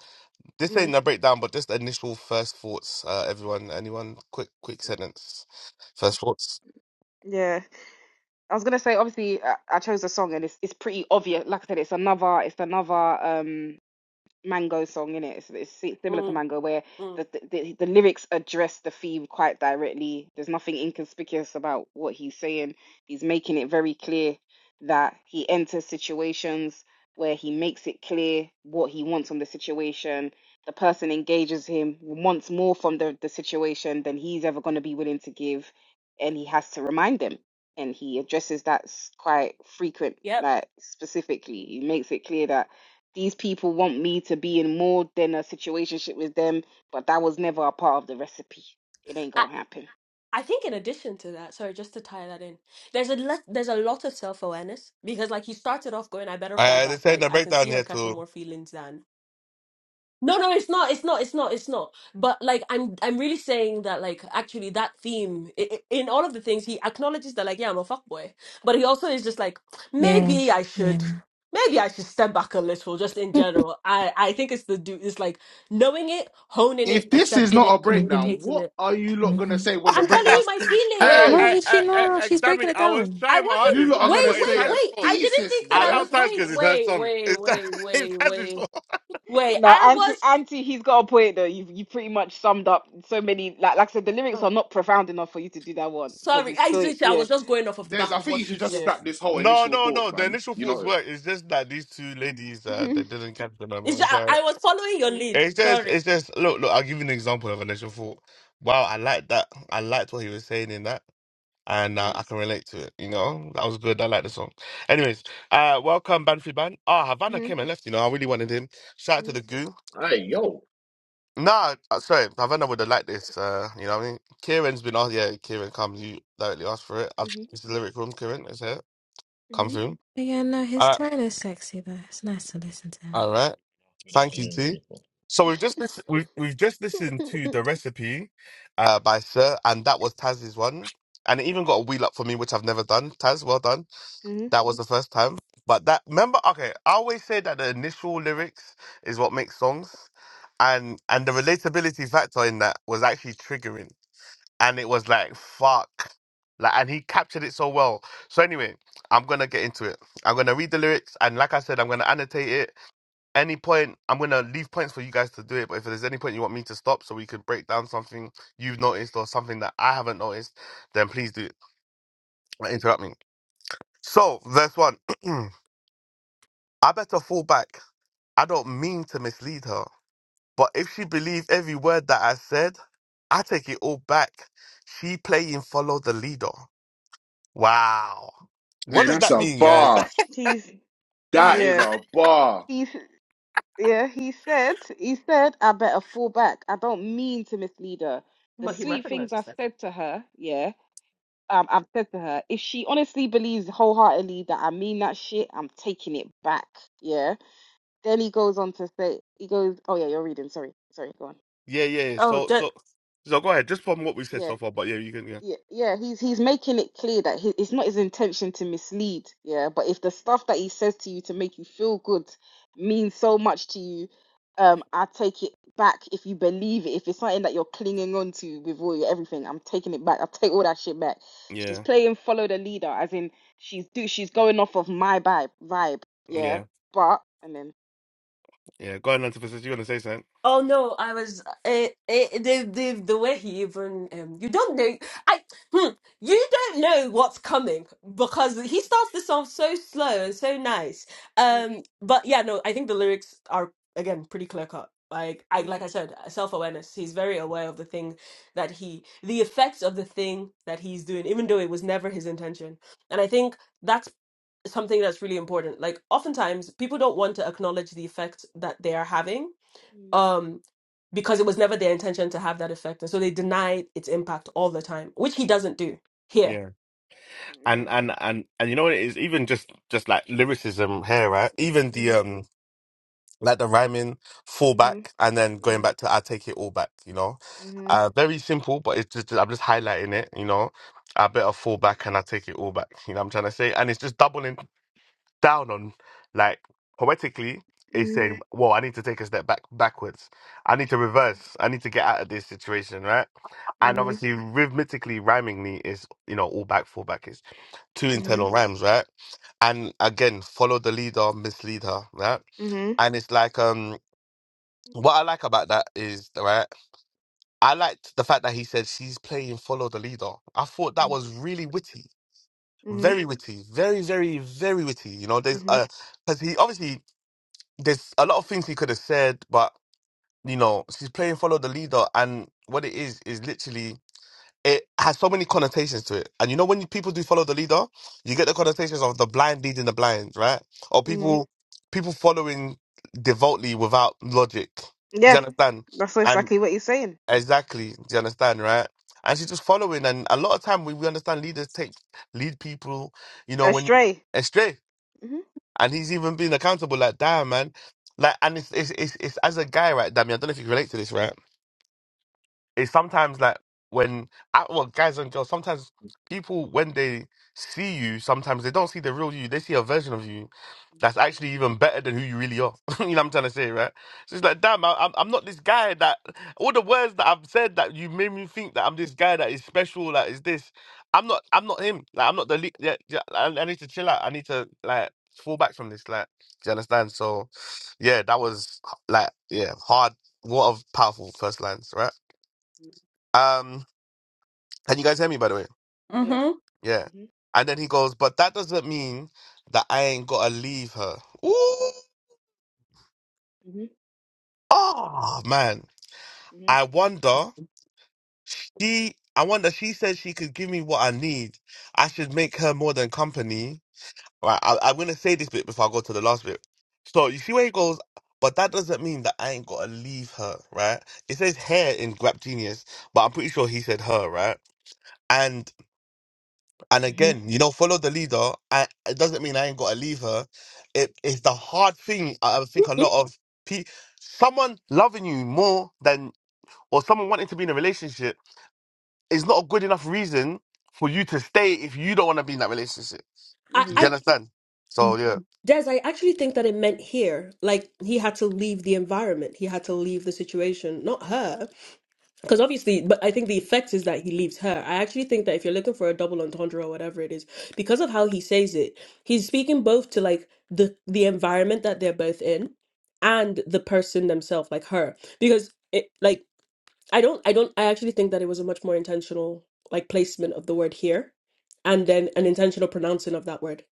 This Mm, ain't a breakdown, but just initial first thoughts. Uh, everyone, anyone, quick, quick sentence. First thoughts. yeah, I was gonna say. Obviously, I, I chose a song, and it's it's pretty obvious. Like I said, it's another, it's another. Um, Mango song in it. It's, it's si- similar to Mm, Mango, where mm, the, the the the lyrics address the theme quite directly. There's nothing inconspicuous about what he's saying. He's making it very clear that he enters situations where he makes it clear what he wants from the situation. The person engages him, wants more from the, the situation than he's ever going to be willing to give, and he has to remind them. And he addresses that s- quite frequent, yep. like specifically. He makes it clear that these people want me to be in more than a situationship with them, but that was never a part of the recipe. It ain't gonna happen. I think in addition to that, sorry, just to tie that in, there's a le- there's a lot of self awareness because like you started off going, I better fall Uh, back. this ain't Like a I can breakdown see her yet, catching too. more feelings than. No, no, it's not. It's not. It's not. It's not. But like, I'm, I'm really saying that like, actually, that theme i- i- in all of the things he acknowledges that like, yeah, I'm a fuckboy, but he also is just like, yeah, maybe I should, yeah. maybe I should step back a little, just in general. I, I think it's the do, it's like knowing it, honing it, If this is accepting not a it, Mhm, breakdown, communicating what it. are you lot gonna mhm. say when the I'm telling I, breakdown? you my St- feelings. No, hey, I, he, she, I, I, no, I, she's damn breaking it, it I was down. I trying my wasn't. you hardest, lot I, are gonna but Wait, it's say wait, a Taz's wait. fault. I didn't thesis, think that I I boy. love was. Taz Wait, because it's her wait, song. wait, It's, Ta- wait, wait, it's Taz's wait, fault. wait. No, I Auntie, was. Auntie, he's got a point though. You you pretty much summed up so many. Like like I said, the lyrics are Oh, not profound enough for you to do that one because sorry, it's I still just, I yeah was just going off of the There's, back I of think what you should you just yeah. said. scrap this whole No, initial no, thoughts, no. The man. initial You thoughts know, were: It's just that these two ladies, uh, they didn't catch the number. It's just, I So I was following your lead. it's just, Sorry, it's just. Look, look. I'll give you an example of an initial thought. Wow, I like that. I liked what he was saying in that. and uh, Mhm, I can relate to it. You know, that was good. I like the song. Anyways, uh, welcome Banfi Ban. Ah, Havana mhm, came and left. You know, I really wanted him. Shout out to mhm, the goo. Hey, yo. Nah, uh, sorry, Havana would have liked this. Uh, you know, what I mean, Kieran's been asked. Yeah, Kieran, come. You directly asked for it. I've, mhm, it's the lyric room. Kieran is here. Come mhm, through. But yeah, no, All his right, tone is sexy though. It's nice to listen to him. all right. Good Thank you afternoon, too. people. So we've just listen- we've we've just listened to mhm. the recipe, uh, by Sir, and that was Taz's one, and it even got a wheel up for me, which I've never done. Taz, well done. Mhm. That was the first time. But that remember, okay, I always say that the initial lyrics is what makes songs, and and the relatability factor in that was actually triggering, and it was like fuck, like and he captured it so well. So anyway, I'm gonna get into it. I'm gonna read the lyrics, and like I said, I'm gonna annotate it. Any point, I'm gonna leave points for you guys to do it. But if there's any point you want me to stop, so we could break down something you've noticed or something that I haven't noticed, then please do. Don't Interrupt me. So verse one. I better fall back. I don't mean to mislead her. But if she believed every word that I said, I take it all back. She playing follow the leader. Wow. hey, What does that's that a mean, guys? bar. He's That yeah, is yeah. a bar. He's Yeah, he said, he said, I better fall back. I don't mean to mislead her. The but he sweet things recognizes I've that. said to her, yeah, um, I've said to her, if she honestly believes wholeheartedly that I mean that shit, I'm taking it back. Yeah. Then he goes on to say, he goes, oh yeah, you're reading. Sorry, sorry, go on. yeah. Oh, So so so go ahead, just from what we said Yeah. so far, but yeah, you can yeah. Yeah, yeah, he's he's making it clear that he, it's not his intention to mislead. Yeah, but if the stuff that he says to you to make you feel good means so much to you, um, I take it back if you believe it. If it's something that you're clinging on to with all your everything, I'm taking it back. I take all that shit back. She's Yeah. playing follow the leader, as in she's do she's going off of my vibe vibe. Yeah, Yeah. but and then. Yeah. Go ahead, Antithesis, you wanna say something? Oh no, I was uh, uh, the the the way he even um you don't know I hmm, you don't know what's coming because he starts the song so slow and so nice. Mm, Um, but yeah, no, I think the lyrics are again pretty clear cut. Like I like mm, I said, self awareness. He's very aware of the thing that he the effects of the thing that he's doing, even though it was never his intention. And I think that's something that's really important. Like oftentimes people don't want to acknowledge the effect that they are having mm, um, because it was never their intention to have that effect. And so they denied its impact all the time, which he doesn't do here. Yeah. yeah. And and and and you know what it is, even just just like lyricism here, right? Even the Mhm. um like the rhyming fall Mhm. back and then going Mm, back to I take it all back, you know. mhm. Uh, very simple, but it's just I'm just highlighting it, you know. I better fall back and I take it all back, you know what I'm trying to say? And it's just doubling down on like poetically it's Mhm. saying, Well, I need to take a step back backwards. I need to reverse. I need to get out of this situation, right? And obviously rhythmically, rhymingly is you know, all back, fall back is two Mhm. internal rhymes, right? And again, follow the leader, mislead her, right? Mhm. And it's like um what I like about that is, right, I liked the fact that he said she's playing follow the leader. I thought mhm. that was really witty, Mhm. very witty, very, very, very witty. You know, there's Mhm. uh, because he obviously there's a lot of things he could have said, but you know, she's playing follow the leader, and what it is is literally it has so many connotations to it. And you know, when people do follow the leader, you get the connotations of the blind leading the blind, right? Or Mhm. people people following devoutly without logic. Do you Yeah, understand? that's exactly what you're saying. Exactly. Do you understand, right? And she's just following. And a lot of time we, we understand leaders take lead people, you know, when Astray. astray. Mhm. And he's even being accountable. Like, damn, man. Like, and it's it's it's, it's as a guy, right, Damien? I don't know if you can relate to this, right? It's sometimes like when I, well, guys and girls, sometimes people when they see you, sometimes they don't see the real you. They see a version of you that's actually even better than who you really are. you know what I'm trying to say, right? So it's like, damn, I, I'm I'm not this guy that all the words that I've said that you made me think that I'm this guy that is special, that is this. I'm not. I'm not him. Like I'm not the. le- Yeah, yeah, I, I need to chill out. I need to like fall back from this. Like, do you understand? So, yeah, that was like, yeah, hard. What of powerful first lines, right? Um, can you guys hear me by the way? Yeah. hmm Yeah. Mhm. And then he goes, but that doesn't mean that I ain't gotta leave her. Ooh, Mhm. oh man. Mhm. I wonder she I wonder she said she could give me what I need. I should make her more than company. Right, I I'm gonna say this bit before I go to the last bit. So you see where he goes, but that doesn't mean that I ain't gotta leave her, right? It says hair in Grap Genius, but I'm pretty sure he said her, right? And Mhm. again, you know, follow the leader. I, it doesn't mean I ain't got to leave her. It is the hard thing. I I think a mm lot of people, someone loving you more than, or someone wanting to be in a relationship is not a good enough reason for you to stay if you don't want to be in that relationship. I, Do you Mhm. I, understand? So yeah, Des, I actually think that it meant here. Like he had to leave the environment. He had to leave the situation, not her. Because obviously, but I think the effect is that he leaves her. I actually think that if you're looking for a double entendre or whatever it is, because of how he says it, he's speaking both to like the the environment that they're both in and the person themselves, like her. Because it like I don't I don't I actually think that it was a much more intentional like placement of the word here and then an intentional pronouncing of that word.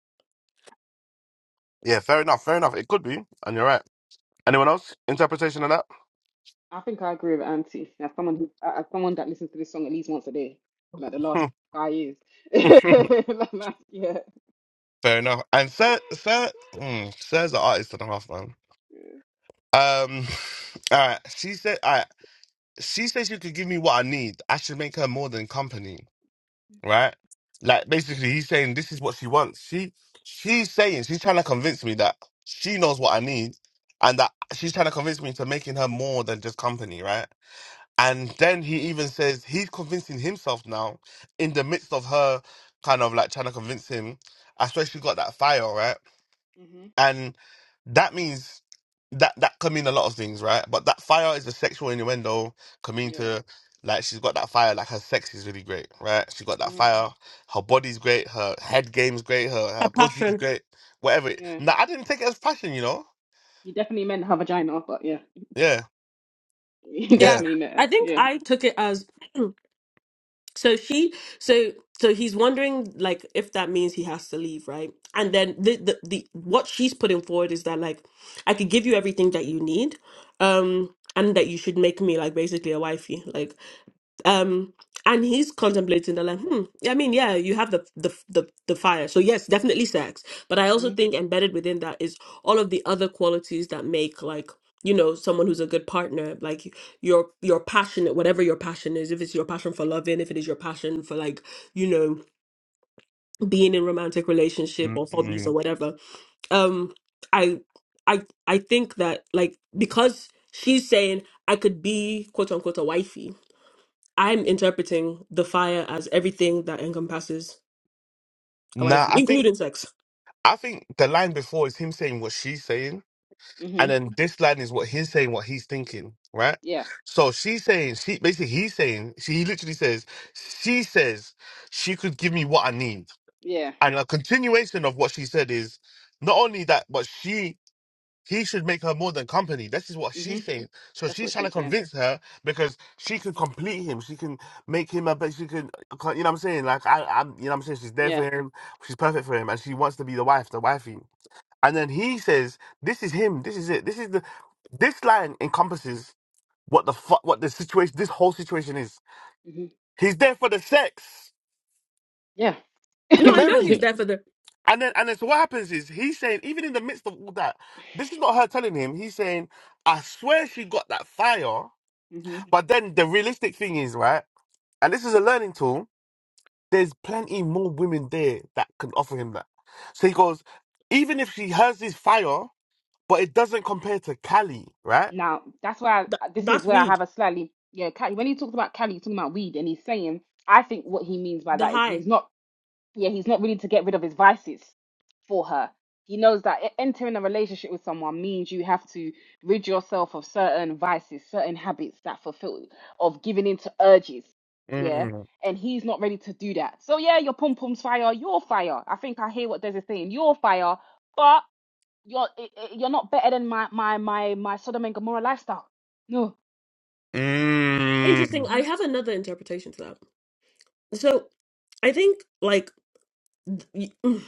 yeah, fair enough, fair enough. It could be, and you're right. Anyone else? Interpretation of that? I think I agree with Auntie. As someone who, as someone that listens to this song at least once a day for like the last five years. Hmm. Like, like, yeah. fair enough. And Sir, Sir, mm, Sir's an artist and a half, man. Um, all right. She said, all right. she says she could give me what I need. I should make her more than company, right? Like basically, he's saying this is what she wants. She she's saying she's trying to convince me that she knows what I need, and that she's trying to convince me into making her more than just company, right? And then he even says he's convincing himself now in the midst of her kind of like trying to convince him. I swear she got that fire, right? Mhm. and that means that that can mean a lot of things, right? But that fire is a sexual innuendo. Can mean Yeah. to like she's got that fire. Like her sex is really great, right? She got that Mhm. fire. Her body's great. Her head game's great. Her Her her pussy's passion. great. Whatever. It, Yeah. nah, I didn't take it as passion, you know. You definitely meant her vagina, but yeah, Yeah, you Yeah. yeah. definitely meant her. I think Yeah. I took it as so she so so he's wondering like if that means he has to leave, right? And then the the, the what she's putting forward is that like I could give you everything that you need. Um and that you should make me like basically a wifey. Like um and he's contemplating the like hmm i mean yeah you have the, the the the fire so yes definitely sex but i also Mhm. think embedded within that is all of the other qualities that make like you know someone who's a good partner like you're you're passionate whatever your passion is if it's your passion for loving if it is your passion for like you know being in romantic relationship or hobbies or mm whatever um i i i think that like because she's saying i could be quote unquote a wifey I'm interpreting the fire as everything that encompasses a wife, Nah, I think including sex. I think the line before is him saying what she's saying And Mhm. then this line is what he's saying, what he's thinking, right? Yeah. So she's saying, she basically he's saying, she he literally says, she says she could give me what I need. Yeah. And a continuation of what she said is not only that, but she he should make her more than company. This is what she's Mhm. saying. So That's she's what trying to she's saying. convince her because she can complete him. She can make him a better. She can, you know what I'm saying? Like I, I'm, you know what I'm saying? She's there Yeah. for him. She's perfect for him, and she wants to be the wife, the wifey. And then he says, "This is him. This is it. This is the. This line encompasses what the fu- what the situation. This whole situation is. Mhm. He's there for the sex Yeah. No, I know he's primarily. there for the. And then and then so what happens is he's saying, even in the midst of all that, this is not her telling him. He's saying, I swear she got that fire. hmm But then the realistic thing is right, and this is a learning tool. There's plenty more women there that can offer him that. So he goes, even if she has this fire, but it doesn't compare to Cali, right? Now, that's why Th- I, this is that's where I have weed. a slightly, yeah, Cali, when he talks about Cali, he's talking about weed, and he's saying, I think what he means by The that is high. he's not, yeah, he's not willing to get rid of his vices for her. He knows that e- entering a relationship with someone means you have to rid yourself of certain vices, certain habits that fulfill, of giving in to urges, yeah. And he's not ready to do that. So yeah, your pom pom's fire, your fire. I think I hear what Des is saying. Your fire, but. you're i- i- you're not better than my my my my Sodom and Gomorrah lifestyle. No, Interesting. Mm, I Mhm. have another interpretation to that. So I think like th- y-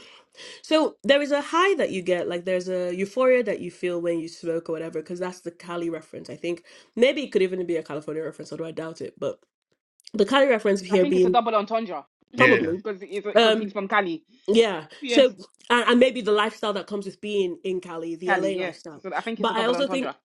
so there is a high that you get like there's a euphoria that you feel when you smoke or whatever because that's the Cali reference I think maybe it could even be a California reference although I doubt it but the Cali reference I here think it's a being double entendre Probably. because he's because he's Um, from Cali. yeah. Yes, So, and, and maybe the lifestyle that comes with being in Cali, the Cali. LA Yeah, lifestyle. so I think it's a But I double also think entendre.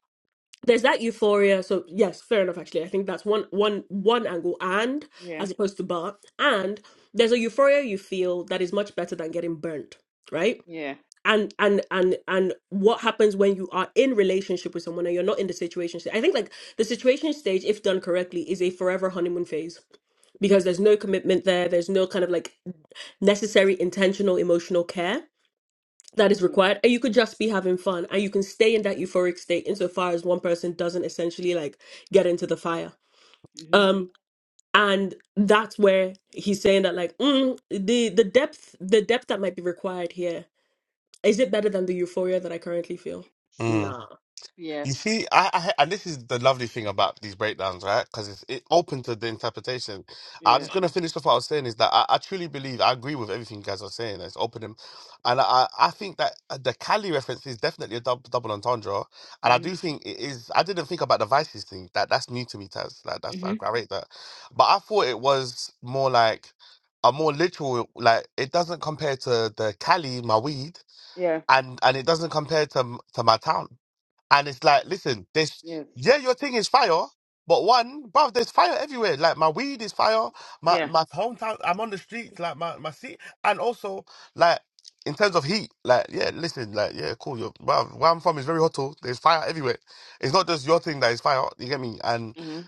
there's that euphoria. So yes, fair enough. Actually, I think that's one one one angle, and Yeah, as opposed to bar, and there's a euphoria you feel that is much better than getting burnt, right? yeah, And and and and what happens when you are in relationship with someone and you're not in the situation stage? I think like the situation stage, if done correctly, is a forever honeymoon phase because there's no commitment there. There's no kind of like necessary intentional emotional care that is required and you could just be having fun and you can stay in that euphoric state insofar as one person doesn't essentially like get into the fire mm-hmm. um and that's where he's saying that like mm, the the depth the depth that might be required here is it better than the euphoria that i currently feel mm. nah yeah, You see, I, I and this is the lovely thing about these breakdowns, right? Because it's it open to the interpretation. I'm yeah, just gonna finish off what I was saying is that I, I truly believe I agree with everything you guys are saying. It's open and and I I think that uh, the Cali reference is definitely a double, double entendre, and I mm-hmm. do think it is. I didn't think about the vices thing. That that's new to me, Taz. Like that's I, Mm-hmm. I rate that, but I thought it was more like a more literal. Like it doesn't compare to the Cali, my weed. yeah, and and it doesn't compare to m- to my town. And it's like, listen, this yes, yeah, your thing is fire, but one, bro, there's fire everywhere. Like my weed is fire, my yeah, my hometown. I'm on the streets, like my my seat, and also like in terms of heat, like yeah, listen, like yeah, cool. Your where where I'm from is very hot. too. There's fire everywhere. It's not just your thing that is fire. You get me? and mm-hmm.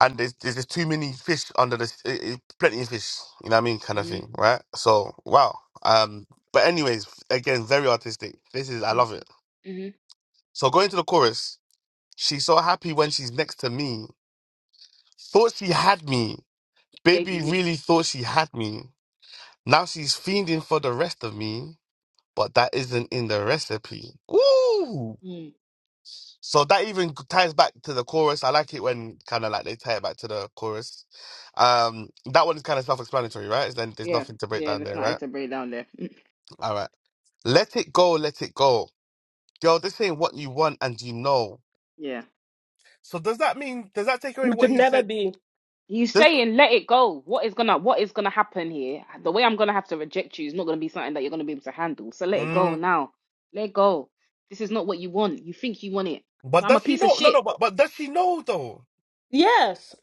and there's, there's just too many fish under the s- i- i- plenty of fish you know what i mean kind of Mm-hmm. thing right so wow um but anyways again very artistic this is i Mm-hmm. love it Mm-hmm. so going to the chorus she's so happy when she's next to me thought she had me baby baby. we- really thought she had me now she's fiending for the rest of me but that isn't in the recipe Woo! Mm. So that even ties back to the chorus. I like it when kind of like they tie it back to the chorus. Um, that one is kind of self-explanatory, right? Then there's Yeah, nothing to break yeah. down Let's there, not right? enter break down there. All right. Let it go, let it go. Girl, this ain't what you want and you know. Yeah. So does that mean does that take away It what could he never said? be. You Does, saying let it go. What is gonna what is gonna happen here? The way I'm gonna have to reject you is not gonna be something that you're gonna be able to handle. So let it go mm, now. Let it go. This is not what you want. You think you want it, but but I'm a does she piece of know? No, no, shit. but, but does she know though? Yes.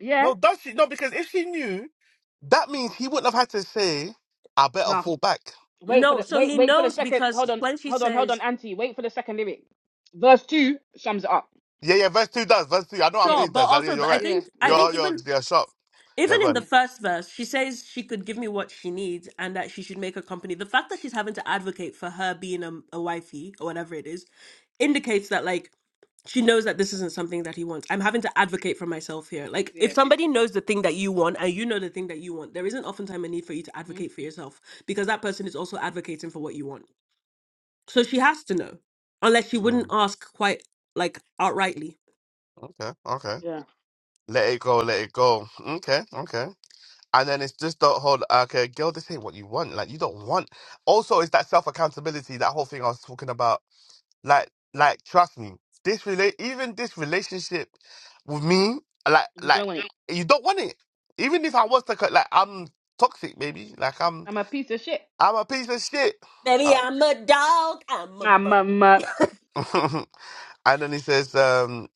Yeah. No, does she no, because if she knew, that means he wouldn't have had to say, I better No. fall back. Wait for No, the so wait he wait for the knows second. because Hold on. when she Hold on. Hold on, says Auntie. Wait for the second lyric. Verse two sums it up. Yeah, yeah, verse two does. Verse two. I know I'm Yeah. sure, doing but that. Zaria, also you're th- I right. Yeah. think I Yeah. think You're you're even you're sharp. Yeah, Even go in the on. Yeah. first verse, she says she could give me what she needs and that she should make a company. The fact that she's having to advocate for her being a, a wifey or whatever it is indicates that, like, she knows that this isn't something that he wants. I'm having to advocate for myself here. Like, if Yes. somebody knows the thing that you want and you know the thing that you want, there isn't oftentimes a need for you to hmm advocate for yourself because that person is also advocating for what you want. So she has to know, unless she wouldn't Mm, ask quite like outrightly. okay, okay. Yeah. Let it go, let it go. Okay, okay. And then it's just the whole okay, girl, this ain't what you want. Like you don't want. Also, it's that self accountability, that whole thing I was talking about. Like, like trust me, this relate even this relationship with me, like, You like don't want it. you don't want it. Even if I was to, cut- like, I'm toxic, baby. Like I'm, I'm a piece of shit. I'm a piece of shit. Baby, I- I'm a dog. I'm a. I'm Mo-. a. and then he says, um,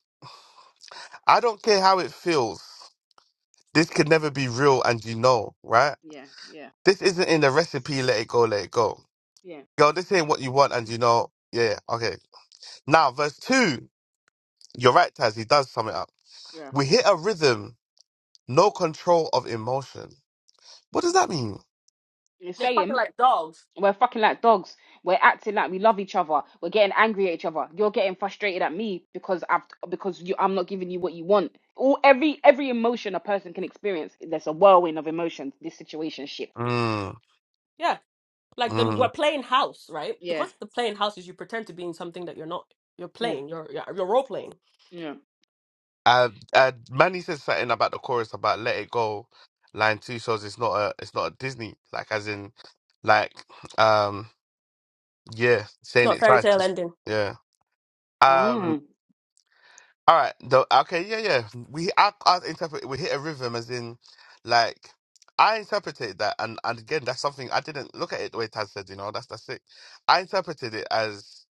I don't care how it feels. This could never be real, and you know, right? Yeah. Yeah. This isn't in the recipe. Let it go, let it go. Yeah. Girl, this ain't what you want, and you know, yeah, okay. Now, verse 2, you're right, Taz, he does sum it up. Yeah. We hit a rhythm, no control of emotion. What does that mean? You They're say fucking him. like dogs. We're fucking like dogs. We're acting like we love each other. We're getting angry at each other. You're getting frustrated at me because I've because you I'm not giving you what you want. All every every emotion a person can experience. There's a whirlwind of emotions. This situationship. Mm, Yeah. like the we're mm. playing house, right? The Yeah. concept of playing house is you pretend to be in something that you're not. You're Yeah. playing. You're you're, you're role playing. Yeah. Uh, uh, Manny says something about the chorus about let it go. Line two shows it's not a it's not a Disney like as in like um yeah It's saying not it fairy twice tale ending. yeah um Ah. All right. Though. Okay. Yeah. Yeah. We. I, I interpret. We hit a rhythm, as in, like, I interpreted that, and and again, that's something I didn't look at it the way Taz said. You know, that's that's it. I interpreted it as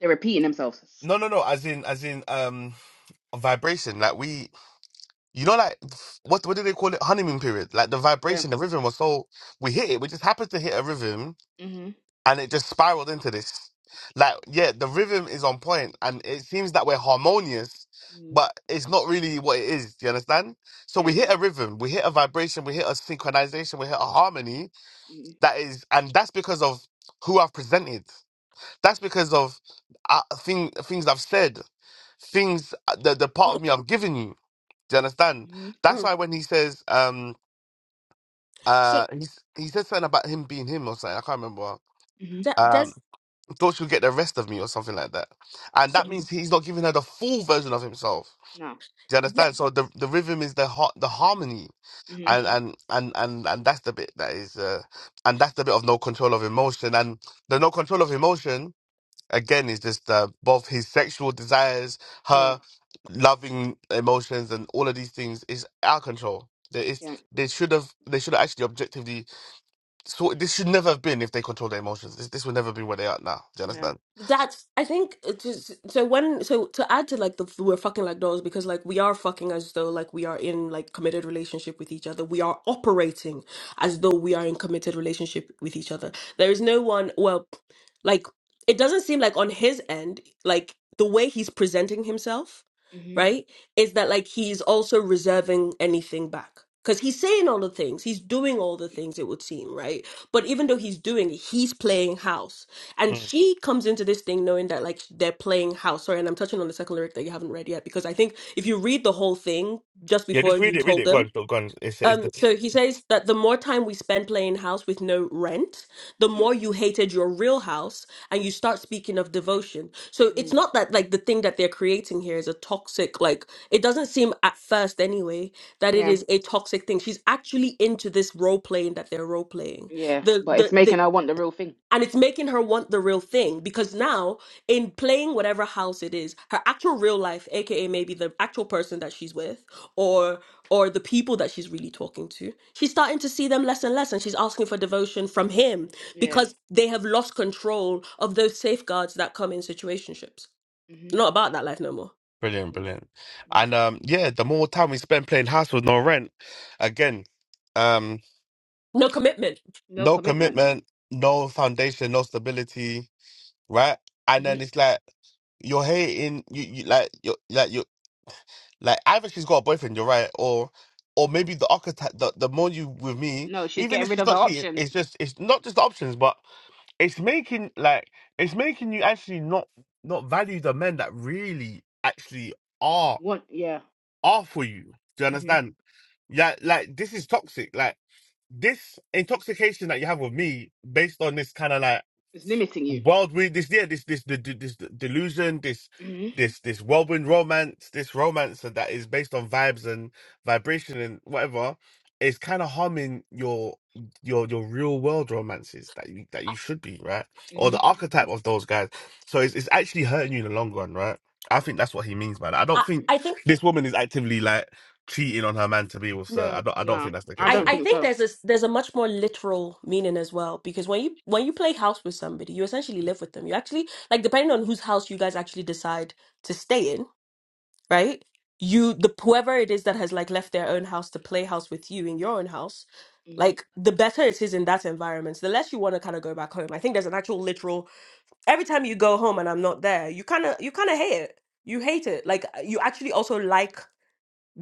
They're repeating themselves. no, no, no. As in, as in, um, a vibration. Like we, you know, like what what do they call it? Honeymoon period. Like the Yeah. vibration, the rhythm was so we hit it. We just happened to hit a rhythm Mhm. and it just spiraled into this. Like, yeah, the rhythm is on point, and it seems that we're harmonious, Mm-hmm. but it's not really what it is. Do you understand? So Yeah. we hit a rhythm, we hit a vibration, we hit a synchronization, we hit a harmony Mhm. that is, and that's because of who I've presented. That's because of uh, thing, things I've said, things uh, the the part of me I've given you. Do you understand? Mhm. That's Mm. why when he says, um, So, uh, he's, he said something about him being him or something. I can't remember. Mhm. that, Um, does. thought she'll get the rest of me or something like that. And so, that Mhm. means he's not giving her the full version of himself. No. Do you understand? So the the rhythm is the har- the harmony, Mhm. and and and and and that's the bit that is, uh, and that's the bit of no control of emotion, and the no control of emotion again is just uh, both his sexual desires, Yeah. her loving emotions, and all of these things is out of control. There is Yeah. they should have they should have actually objectively so this should never have been if they control their emotions. This this would never be where they are now. Do you Yeah. understand? That's I think it's just so when so to add to like the we're fucking like dolls because like we are fucking as though like we are in like committed relationship with each other. We are operating as though we are in committed relationship with each other. There is no one well like it doesn't seem like on his end like the way he's presenting himself, Mhm. right? Is that like he's also reserving anything back. Because he's saying all the things, he's doing all the things, it would seem, right? But even though he's doing it, he's playing house and she comes into this thing knowing that like they're playing house. Sorry, and I'm touching on the second lyric that you haven't read yet because I think if you read the whole thing just Yeah, before just you read it, read told it. Go them. on, go go on. It's, it's Um, the so he says that the more time we spend playing house with no rent, the Mm. more you hated your real house and you start speaking of devotion. So it's Mm. not that like the thing that they're creating here is a toxic, like it doesn't seem at first anyway that it Yeah. is a toxic thing. She's actually into this role playing that they're role playing. Yeah. The But it's the the making her want the real thing. and it's making her want the real thing because now in playing whatever house it is her actual real life aka maybe the actual person that she's with or or the people that she's really talking to she's starting to see them less and less and she's asking for devotion from him Yeah. because they have lost control of those safeguards that come in situationships Mhm. not about that life no more brilliant, brilliant. Mm. And um, yeah, the more time we spend playing house with no rent, again, um, no commitment No no commitment. commitment, no foundation, no stability, right? And hmm then it's like you're hating, you, you like you like you like either she's got a boyfriend, you're right, or or maybe the archetype. The, the more you with me, No, she's even getting if rid she's of her not cheating, options. it's just it's not just the options, but. it's making like it's making you actually not not value the men that really actually are One, yeah. are for you. Do you hmm understand? Yeah, like this is toxic. Like this intoxication that you have with me, based on this kind of like It's limiting you. Worldwind, this yeah, this this the the- this delusion, this hmm this this whirlwind romance, this romance that is based on vibes and vibration and whatever, is kind of harming your your your real world romances that you that you should be right or hmm the archetype of those guys. So it's it's actually hurting you in the long run, right? I think that's what he means by that. I i, don't think I think this woman is actively like cheating on her man to be with her. I no don't. I don't No, think that's the I case. I, don't Yeah. I think think so. there's a s- there's a much more literal meaning as well because when you when you play house with somebody, you essentially live with them. You actually like depending on whose house you guys actually decide to stay in, right? You the whoever it is that has like left their own house to play house with you in your own house, hmm like the better it is in that environment, So the less you want to kind of go back home. I think there's an actual literal every time you go home and I'm not there, you kind of you kind of hate it. You hate it. Like you actually also like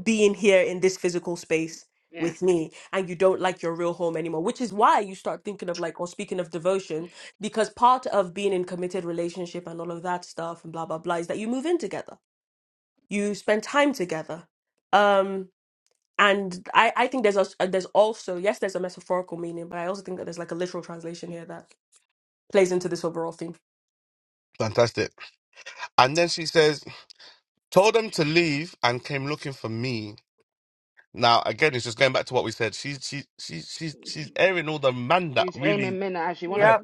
being here in this physical space Yeah. with me and you don't like your real home anymore which is why you start thinking of like or speaking of devotion because part of being in committed relationship and all of that stuff and blah blah blah is that you move in together you spend time together um and i i think there's a there's also yes there's a metaphorical meaning but i also think that there's like a literal translation here that plays into this overall theme Fantastic. And then she says, "Told them to leave and came looking for me." Now again, it's just going back to what we said. She's she she she's she's airing all the man that She's really. aiming men that how she yeah. wanna. Yeah,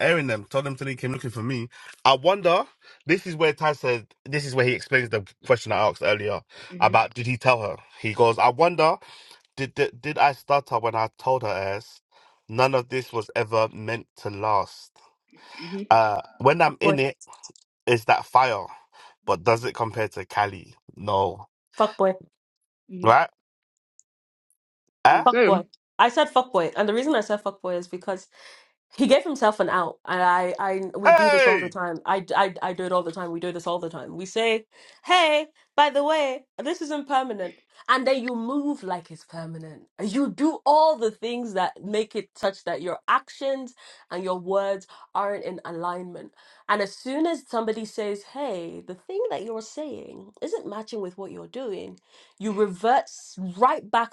airing them, told them till he came looking for me. I wonder, this is where Ty said, this is where he explains the question I asked earlier hmm about did he tell her? He goes, I wonder, did, did, did I stutter when I told her as none of this was ever meant to last? hmm Uh, when fuck I'm boy in it, is that fire? But does it compare to Cali? No. fuck boy hmm Right? Eh? fuck So, boy i said fuck boy and the reason i said fuck boy is because He gave himself an out, and I, I, we do this all the Hey! time. I, I, I do it all the time. We do this all the time. We say, "Hey, by the way, this isn't permanent," and then you move like it's permanent. You do all the things that make it such that your actions and your words aren't in alignment. And as soon as somebody says, "Hey, the thing that you're saying isn't matching with what you're doing," you revert s- right back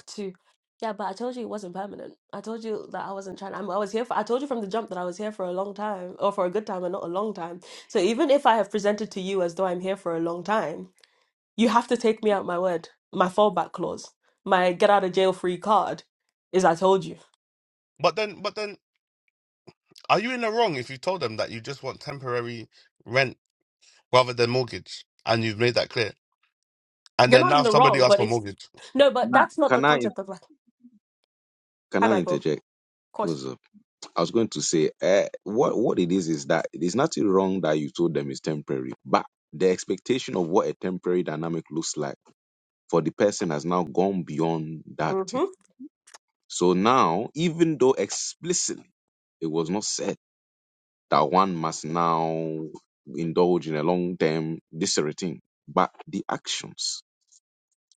yeah, but I told you it wasn't permanent. I told you that I wasn't trying. I'm, I was here for. I told you from the jump that I was here for a long time, or for a good time, and not a long time. So even if I have presented to you as though I'm here for a long time, you have to take me out my word. My fallback clause, my get out of jail free card, is I told you. But then, but then, are you in the wrong if you told them that you just want temporary rent rather than mortgage and you've made that clear? And You're then not in now the somebody wrong, asked but for it's mortgage. no. But Nah, that's not the Can I in- concept of like. can Hi, I Michael. Of interject? course. Also, I was going to say, uh, what what it is is that there's nothing wrong that you told them it's temporary, but the expectation of what a temporary dynamic looks like for the person has now gone beyond that thing. Mm-hmm. So now, even though explicitly it was not said that one must now indulge in a long term this routine, but the actions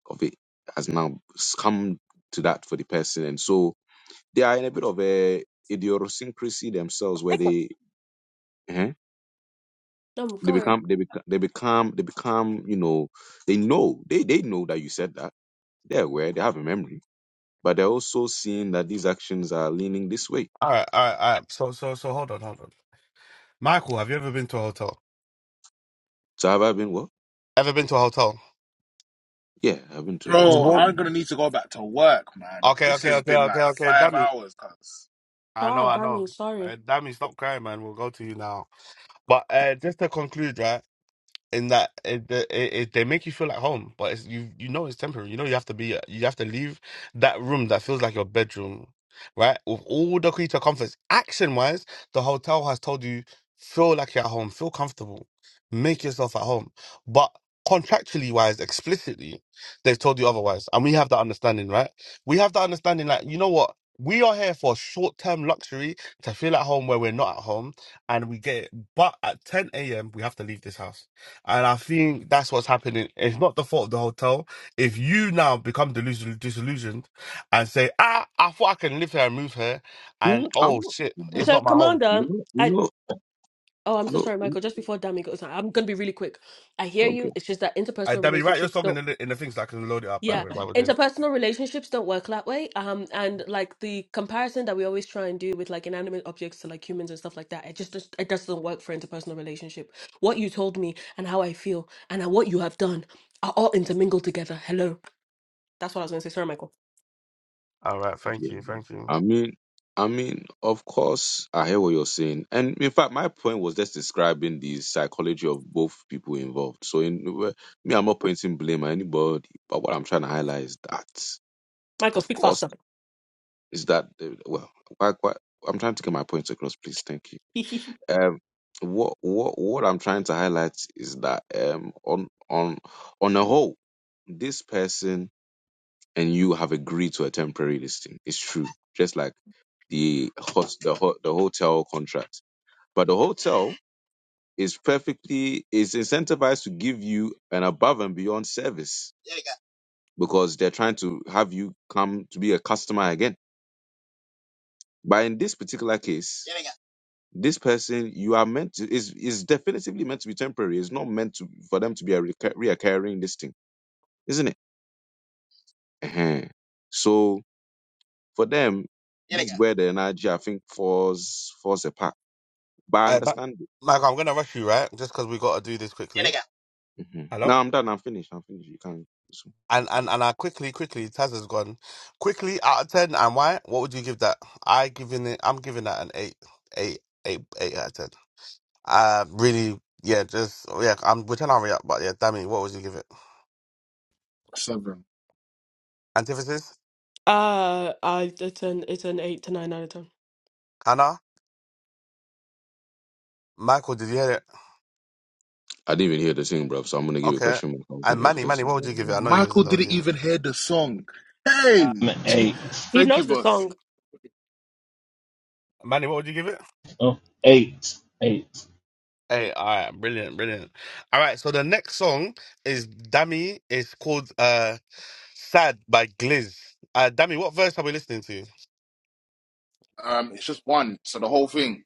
of it has now come to that for the person, and so they are in a bit of a idiosyncrasy themselves where Michael. they eh, No, they go ahead. become they become they become they become you know they know they they know that you said that they're aware they have a memory but they're also seeing that these actions are leaning this way All right, all right, all right. So, so, so, hold on, hold on. Michael, have you ever been to a hotel? so have i been what Ever been to a hotel? yeah i've been to a We hotel Bro, no won't- I'm gonna need to go back to work, man. Okay, This okay, has okay, been okay, like okay. five Dammy, hours, cuz. So I know, I know. I'm sorry. Uh, Dammy, stop crying, man. We'll go to you now. But uh, just to conclude, right? in that it, it, it they make you feel like home, but it's, you you know it's temporary. You know you have to be uh, you have to leave that room that feels like your bedroom, right? With all the creature comforts, action wise, the hotel has told you feel like you're at home, feel comfortable, make yourself at home. But contractually wise, explicitly, they've told you otherwise, and we have that understanding, right? We have that understanding, like you know what. We are here for short term luxury to feel at home where we're not at home and we get it. But at 10 a.m., we have to leave this house and I think that's what's happening. It's not the fault of the hotel. If you now become delusional, disillusioned and say, ah, I thought I can live here and move here, Hmm, and i'm oh shit, it's not- So, not my home. Commander. you know you I. know Oh, I'm so no sorry, Michael. Just before Dami goes on, I'm gonna be really quick. I hear okay. you. It's just that Uh, interpersonal Debbie, write your relationships song in don't. the, in the things that I can load it up, by the Yeah, way, while we're doing it. interpersonal relationships don't work that way. Um, and like the comparison that we always try and do with like inanimate objects to like humans and stuff like that, it just, just it just doesn't work for interpersonal relationship. What you told me and how I feel and how- what you have done are all intermingled together. Hello, that's what I was gonna say. Sorry, Michael. All right, thank Yeah. you, yeah. thank you. I mean, I mean, of course, I hear what you're saying, and in fact, my point was just describing the psychology of both people involved. So, in well, me, I'm not pointing blame at anybody, but what I'm trying to highlight is that, Michael, of speak course, faster. is that uh, well, why, why, I'm trying to get my point across, please. Thank you. Um, what what what I'm trying to highlight is that um, on on on the whole, this person and you have agreed to a temporary listing. It's true. Just like the hot the hot the hotel contract. But the hotel is perfectly is incentivized to give you an above and beyond service because they're trying to have you come to be a customer again. But in this particular case, this person you are meant to is is definitively meant to be temporary. It's not meant to for them to be a reoccurring listing, isn't it? uh So for them, Yere this is where the energy, I think, falls falls apart. But I Uh, Ma- understand it. Michael, I'm going to rush you, right? Just because we got to do this quickly. yere hmm Hello? Now I'm done. I'm finished. I'm finished. You can't. And, and and I quickly, quickly, Taz has gone. Quickly, out of 10, and why? What would you give that? I giving it, I'm giving that an 8, 8, 8, 8 out of 10. I really, yeah, just yeah. I'm we're trying to but yeah, Dammy, what would you give it? Seven. Antithesis, uh, I it's an it's an eight to nine out of ten. Hannah, Michael, did you hear it? I didn't even hear the singing, bro. So I'm gonna give you a Okay, question mark. I wasn't and here for Manny, the Manny, what would you give it? I know singing. you was Michael in the didn't even audience. hear the song. Hey! eight. He Thank you, knows the boss. song. Manny, what would you give it? Oh, eight. Eight. Hey, all right, brilliant, brilliant. All right, so the next song is Dammy. It's called uh, "Sad" by Gliz. Uh, Dammy, what verse are we listening to? Um, it's just one, so the whole thing.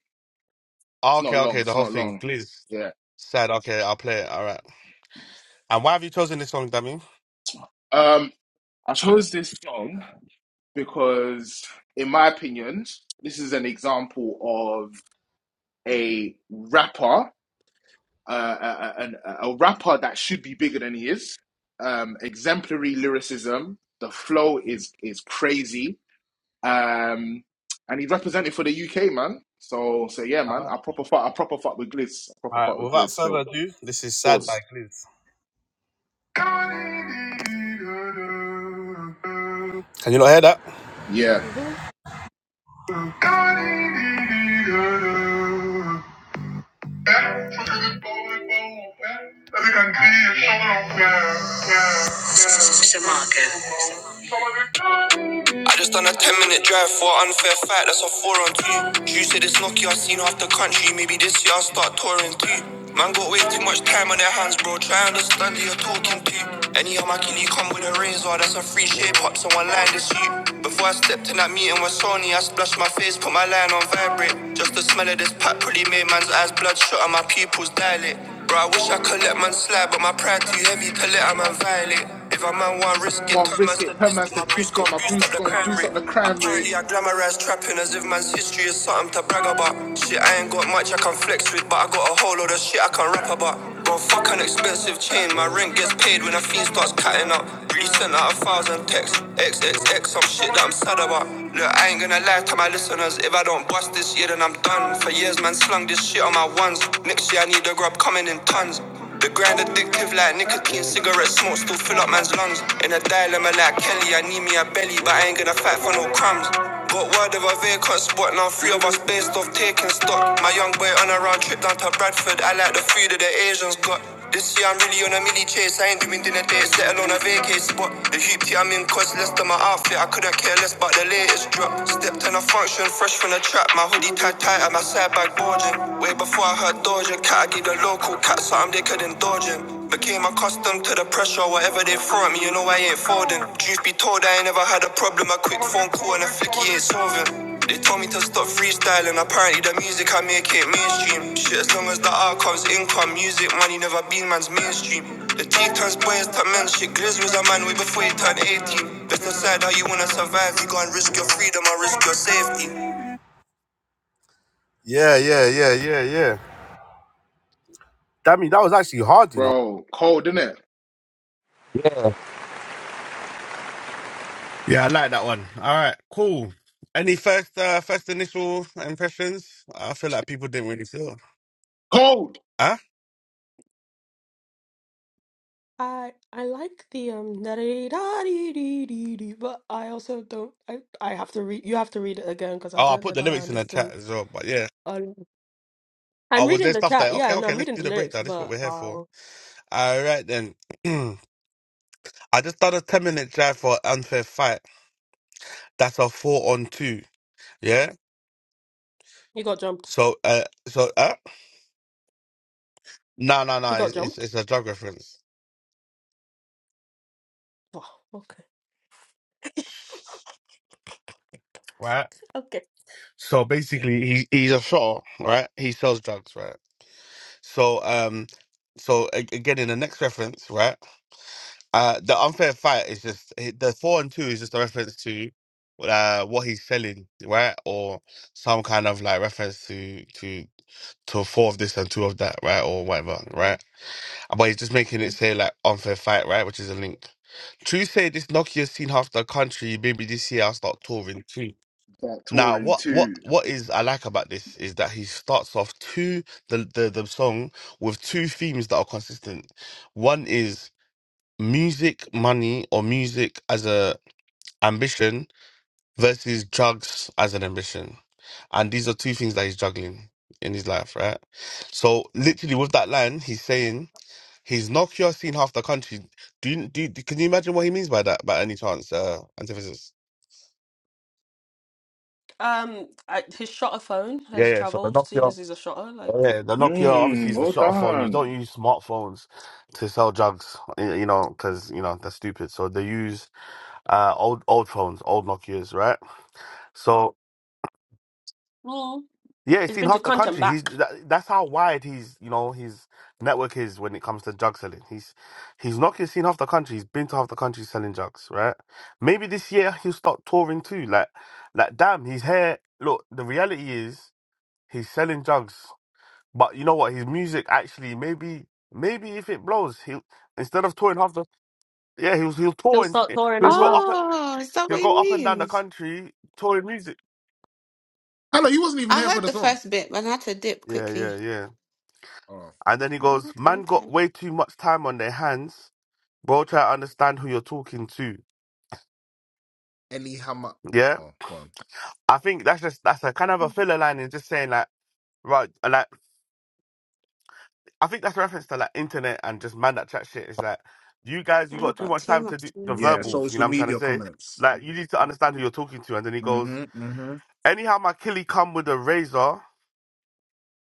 It's Oh, not okay, long. okay, the It's whole not thing. long. Gliz, Yeah. "Sad." Okay, I'll play it. All right. And why have you chosen this song, Dammy? Um, I chose this song because, in my opinion, this is an example of a rapper. uh, a, a, rapper that should be bigger than he is. Um, exemplary lyricism. The flow is is crazy. Um, and he's represented for the UK, man. So so yeah, man. I proper fuck. I proper fuck with Gliss. I All proper right. fuck with Without Gliss further still. ado, this is "Sad" by Pause. Gliz. Can you not hear that? Yeah. I think I can see your shoulder. Yeah, yeah. I just done a 10 minute drive for an unfair fight, that's a 4 on 2. You said it's Nokia, I seen half the country, maybe this year I'll start touring too. Man got way too much time on their hands, bro, try and understand who you're talking to. Any Hamakili come with a razor, that's a free shape up, someone line this you. Before I stepped in that meeting with Sony, I splashed my face, put my line on vibrate. Just the smell of this pack pretty made man's eyes bloodshot and my pupils dilate. Bro, I wish I could let man slide, but my pride too heavy to let a man violate. If a man want risk it, My turn my risk it per man statistic, my priest statistic. can't My boost Bruce up the gone crime boost rate. up the crime rate, Apparently I glamorize trapping as if man's history is something to brag about. Shit, I ain't got much I can flex with, but I got a whole load of shit I can rap about. Bro, fuck an expensive chain, my rent gets paid when a fiend starts cutting up. Really sent out a thousand texts, XXX, some shit that I'm sad about. Look, I ain't gonna lie to my listeners, if I don't bust this year then I'm done. For years man slung this shit on my ones, next year I need a grub coming in tons. The grind addictive like nicotine, cigarette smoke still fill up man's lungs. In a dilemma like Kelly, I need me a belly, but I ain't gonna fight for no crumbs. Got word of a vacant spot, now three of us based off taking stock. My young boy on a round trip down to Bradford, I like the food that the Asians got. This year I'm really on a mini chase. I ain't doing dinner dates, let alone a vacay spot. The hoop tea I'm in costs less than my outfit. I couldn't care less about the latest drop. Stepped in a function, fresh from the trap. My hoodie tied tight at my side bag bulging. Way before I heard Doja Cat, I gave the local cat something they couldn't dodge in. Became accustomed to the pressure, whatever they throw at me, you know I ain't folding. Truth be told, I ain't never had a problem. A quick phone call and a flicky ain't solving. They told me to stop freestyling. Apparently, the music I make it mainstream. Shit, as long as the outcome's income, music money never been man's mainstream. The T turns boys to men. Shit, Grizz was a man way before he turned 18. Let's decide how you wanna survive. You gonna risk your freedom or risk your safety. Yeah, yeah, yeah, yeah, yeah. Damn mean that was actually hard, you know. bro. Cold, is it? Yeah, I like that one. All right, cool. Any first uh, first initial impressions? I feel like people didn't really feel. Cold. Huh? I I like the um da dee da dee dee dee dee, but I also don't. I I have to read. You have to read it again because I Oh, I don't know put the that I lyrics in the chat understand. as well, but yeah. Um, I'm Oh, was reading there the stuff chat. that Yeah, okay, no, okay, I'm let's reading do the the lyrics, breakdown. This is what but we're here for. um, All right then. I just done a ten minute drive for unfair fight. That's a four on two. Yeah. he got jumped. So uh, so uh, no, no, no. He It's got it's, jumped. it's a drug reference, Oh, okay, right? okay. So basically, he he's a shotter, right? He sells drugs, right? So um, so a- again in the next reference, right? Uh, the unfair fight is just it- the four and two is just a reference to uh what he's selling, right? Or some kind of like reference to to to four of this and two of that, right? Or whatever, right? But he's just making it say like unfair fight, right? Which is a link. True say this Nokia seen half the country. Maybe this year I'll start touring. That Now, touring what what too. what is I like about this is that he starts off two the the, the song with two themes that are consistent. One is music money or music as a ambition versus drugs as an ambition and these are two things that he's juggling in his life right so literally with that line he's saying he's not cure seen half the country do you, do you- can you imagine what he means by that by any chance uh antithesis Um, I, his shotter phone yeah has yeah so the traveled, seeing Nokia as he's a shotter. Like, Yeah, the Nokia obviously Mmm. is the Well shutter phone. You don't done. use smartphones to sell drugs, y- you know, because you know they're stupid. So they use uh, old old phones, old Nokias, right? So mm. yeah, it's he's in been to half the Conch and country. He's back. that, that's how wide he's you know his network is when it comes to drug selling. He's he's not seen half the country. He's been to half the country selling drugs, right? Maybe this year he'll start touring too. Like like damn, he's here. Look, the reality is he's selling drugs. But you know what? His music actually maybe maybe if it blows, he will instead of touring half the yeah he'll he'll He'll tour and start touring he'll as go well. up a- Oh, is that he'll what go it up and down the means? country touring music. Hello, you wasn't even I here for heard the the song. first bit, but I had to dip Yeah, yeah, quickly. yeah. Oh, And then he Mm, goes, Okay, "Man, okay. got way too much time on their hands. Bro, try to understand who you're talking to." anyhow, Yeah, oh, go on. I think that's just that's a kind of a Mm, filler line and just saying like right like I think that's a reference to like internet and just man that chat shit. It's like you guys, you I got ain't too got much too time to much do time the on Yeah, verbals. You social know what I'm trying to media say? comments. Like you need to understand who you're talking to. And then he goes, hmm hmm anyhow, my killie come with a razor.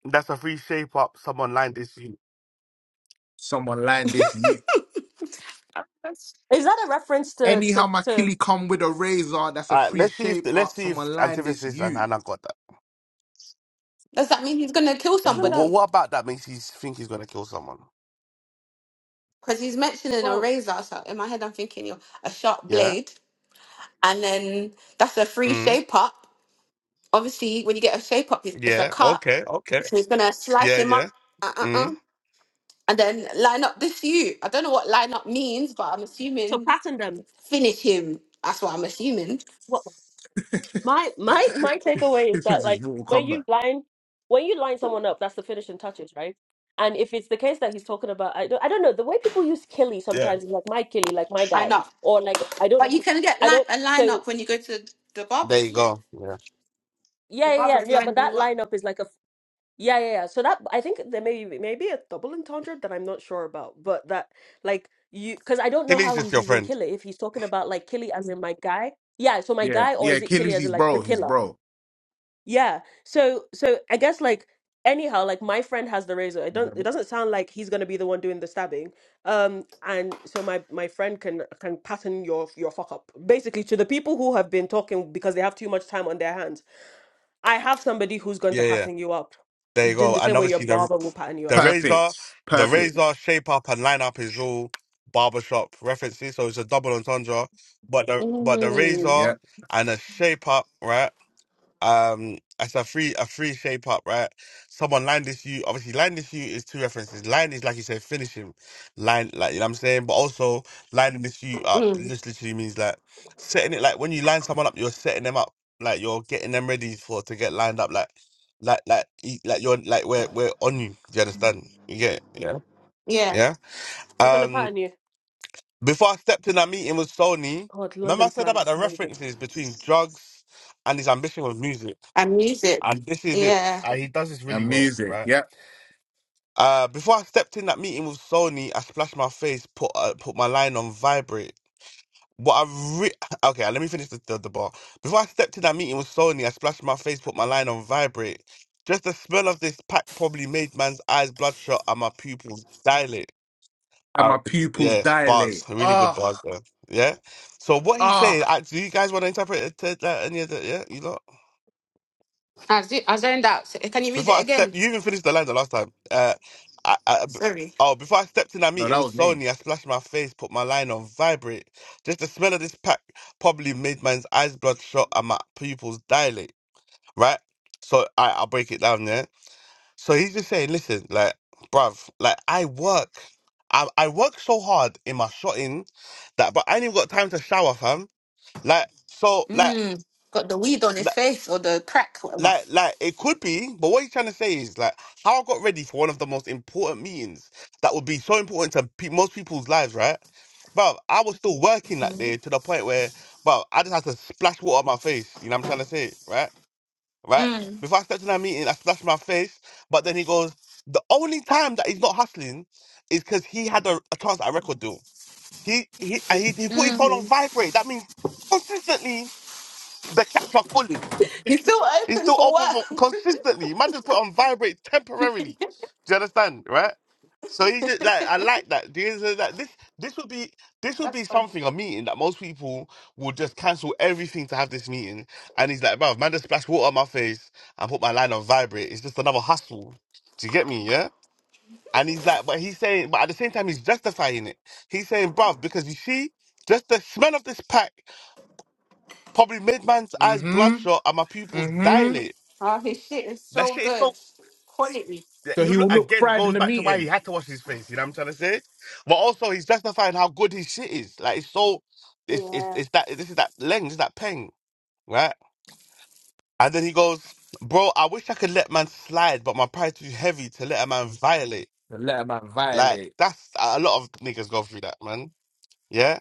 That's a free shape up. Someone lined this you. Someone line this you. That's- Is that a reference to to Anyhow, my to? killie come with a razor. That's a All right, free let's see if shape let's up. see if Someone line this antithesis and you. Hannah got that. Does that mean he's gonna kill Isn't But that what, somebody? what about that makes you think he's gonna kill someone? Because he's mentioning a well razor. So in my head, I'm thinking, you know, a sharp Yeah. blade, and then that's a free Mm. shape up. Obviously, when you get a shape up, it's it's a Yeah. cut. Okay. Okay. So he's gonna slice Yeah. him up, Yeah. uh, uh, uh, Mm. and then line up this you. I don't know what line up means, but I'm to assuming. pattern them? finish him. That's what I'm assuming. My my my takeaway is this that is his like Mortal when Kombat. you line when you line someone up, that's the finishing touches, right? And if it's the case that he's talking about, I don't, I don't know the way people use Killy Yeah. sometimes, is like my Killy, like my I guy, know. or like I don't, know But if you it's- can get I like don't. a So lineup it's- when you go to the barbers, There you isn't it? go. Yeah. The yeah, yeah, barber yeah, is yeah. But lining that you up. lineup is like a f- yeah, yeah, yeah. So that I think there may be maybe a double entendre that I'm not sure about, but that like you because I don't know Kelly's how just he's your using friend. Killy if he's talking about like Killy as in my guy, yeah. So my Yeah, guy, or yeah. is it Killy Achilles, as his in like the bro, his killer? bro. Yeah. So so I guess like anyhow, like my friend has the razor. It don't it doesn't sound like he's gonna be the one doing the stabbing. Um and so my my friend can can pattern your your fuck up. Basically to the people who have been talking because they have too much time on their hands. I have somebody who's going to Yeah, yeah. pattern you up. There you In go. the And same way your obviously the barber will pattern you the up. razor, Perfect, the perfect. razor shape up and line up is all barbershop references, so it's a double entendre. But the but the Mm. razor Yeah, and the shape up, right? um it's a free a free shape up, right? Someone line this you obviously line this you is two references. Line is like you said, finishing. Line like you know what I'm saying? But also lining this you up Mm. just literally means like setting it like when you line someone up, you're setting them up. Like you're getting them ready for to get lined up like like like e- like you're like we're we're on you. Do you understand? You get it? Yeah. Yeah. Yeah. They're gonna Um pattern you. before I stepped in that meeting with Sony, God, remember London I said slang about is the crazy. references between drugs and his ambition with music. And music. And this is it. Yeah. And he does this really and well, music. right? Yeah, Uh, before I stepped in that meeting with Sony, I splashed my face, put uh, put my line on vibrate. What I re- okay, let me finish the, the the bar. Before I stepped in that meeting with Sony, I splashed my face, put my line on vibrate. Just the smell of this pack probably made man's eyes bloodshot and my pupils dilate. and I, my pupils yeah, bars, dilate. really good Oh, bars there. Yeah. So what he's oh. saying, I, do you guys want to interpret it to that any of that? Yeah, you know. I, z- I zoned out. So- Can you read Before it I again? stepped, you even finished the line the last time. Uh, I, I, b- Sorry. oh, before I stepped in that No, meeting that with was me. Sony, I splashed my face, put my line on vibrate. Just the smell of this pack probably made man's eyes bloodshot and my pupils dilate. Right? So I, I'll break it down. Yeah. So he's just saying, listen, like, bruv, like I work, I, I work so hard in my shotting that, but I ain't even got time to shower, fam. Like, so, like. Mm. Got the weed on his face or the crack, whatever. Like, like it could be, but what he's trying to say is like how I got ready for one of the most important meetings that would be so important to pe- most people's lives, right? But I was still working that Mhm. day to the point where, well, I just had to splash water on my face. You know what I'm trying to say, right? Right? Mm. Before I stepped in that meeting, I splashed my face. But then he goes, the only time that he's not hustling is because he had a, a chance at a record deal. He he, and he he put his phone on Mm. vibrate. That means consistently the cats are falling. He's still He's open still for open for work. consistently. Man just put on vibrate temporarily. Do you understand? Right? So he's just like I like that. Do you understand that? This this would be this would be That's funny. something a meeting that most people would just cancel everything to have this meeting. And he's like, bro, man, just splash water on my face and put my line on vibrate. It's just another hustle. Do you get me? Yeah. And he's like, but he's saying, but at the same time, he's justifying it. He's saying, bruv, because you see, just the smell of this pack probably made man's eyes Mm-hmm. bloodshot and my pupils Mm-hmm. dilate. Oh, his shit is That so shit is so good. Quality. Yeah, So He he look, will look again fried in goes the back to why he meeting. had to wash his face. You know what I'm trying to say? But also, he's justifying how good his shit is. Like it's so, it's it's, Yeah. it's that this is that lens, it's that pain, right? And then he goes, "Bro, I wish I could let man slide, but my pride's too heavy to let a man violate." The Let man Like violate. that's a lot of niggas go through that, man. Yeah.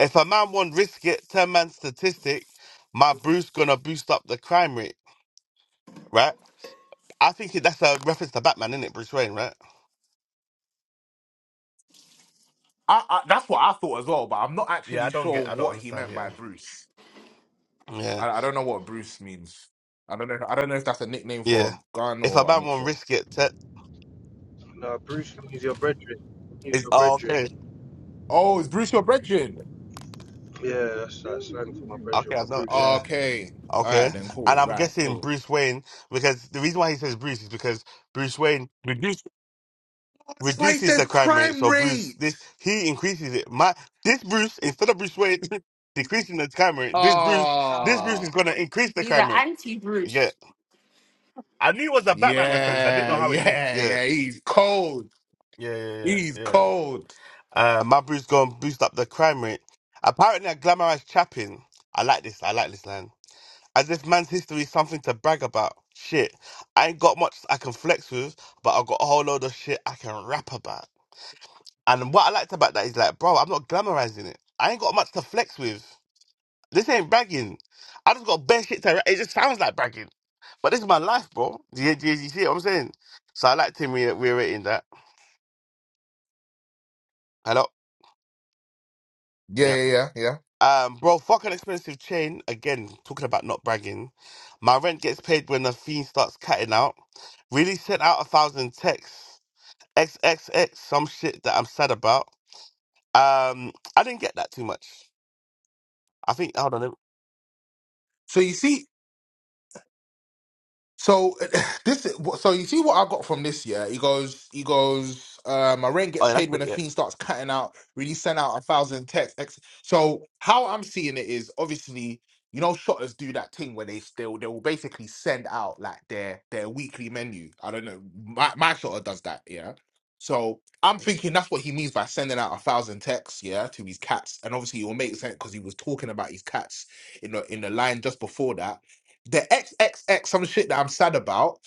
If a man won't risk it, ten man statistic, my Bruce gonna boost up the crime rate, right? I think that's a reference to Batman, isn't it, Bruce Wayne, right? I, I that's what I thought as well, but I'm not Yeah, actually I don't sure get, I don't what he understand. meant by Yeah, Bruce. Yeah. I, I don't know what Bruce means. I don't know. I don't know if that's a nickname for Yeah. a gun If I or I'm might not want to sure. risk it, te- it's oh, okay. Oh, is Bruce your brethren? Okay, I know. Yeah. Okay. All Okay. right then. And Cool. I'm Right. guessing Cool. Bruce Wayne, because the reason why he says Bruce is because Bruce Wayne That's why he reduces says the crime rate. crime So Bruce, rate. this, he increases it. My, this Bruce, instead of Bruce Wayne decreasing the crime rate, this Bruce, this Bruce Oh. is Ah. going to increase the He's an crime rate. anti Yeah. Bruce. I knew it was a Batman reference. I didn't know yeah. how it linked. Yeah. Yeah. Yeah. He's cold. Yeah. Yeah. Yeah. He's yeah. cold. Uh, my Bruce going to boost up the crime rate. Apparently, a glamorized chapping. I like this. I like this line. And this man's history is something to brag about. Shit. I ain't got much I can flex with, but I got a whole load of shit I can rap about. And what I liked about that is like, bro, I'm not glamorizing it. I ain't got much to flex with. This ain't bragging. I just got bare shit to ra- It just sounds like bragging. But this is my life, bro. Do you, do you, do you see what I'm saying? So I liked him re- reiterating that. Hello? Yeah. Yeah. Yeah. Yeah. yeah. Um, bro, fuck an expensive chain. Again, talking about not bragging. My rent gets paid when the fiend starts cutting out. Really sent out a thousand texts. XXX, some shit that I'm sad about. Um, I didn't get that too much. I think hold on. let me- So you see. So this is so you see what I got from this year. He goes, he goes. Uh, my rent gets Oh, yeah, that's paid when bit the yeah. fiend starts cutting out. Really send out a thousand texts. Ex- So how I'm seeing it is obviously, you know, shotters do that thing where they still they will basically send out like their their weekly menu. I don't know. My my shotter does that. Yeah. So I'm thinking that's what he means by sending out a thousand texts. Yeah, to his cats, and obviously it will make sense because he was talking about his cats in the in the line just before that. The XXX, some shit that I'm sad about,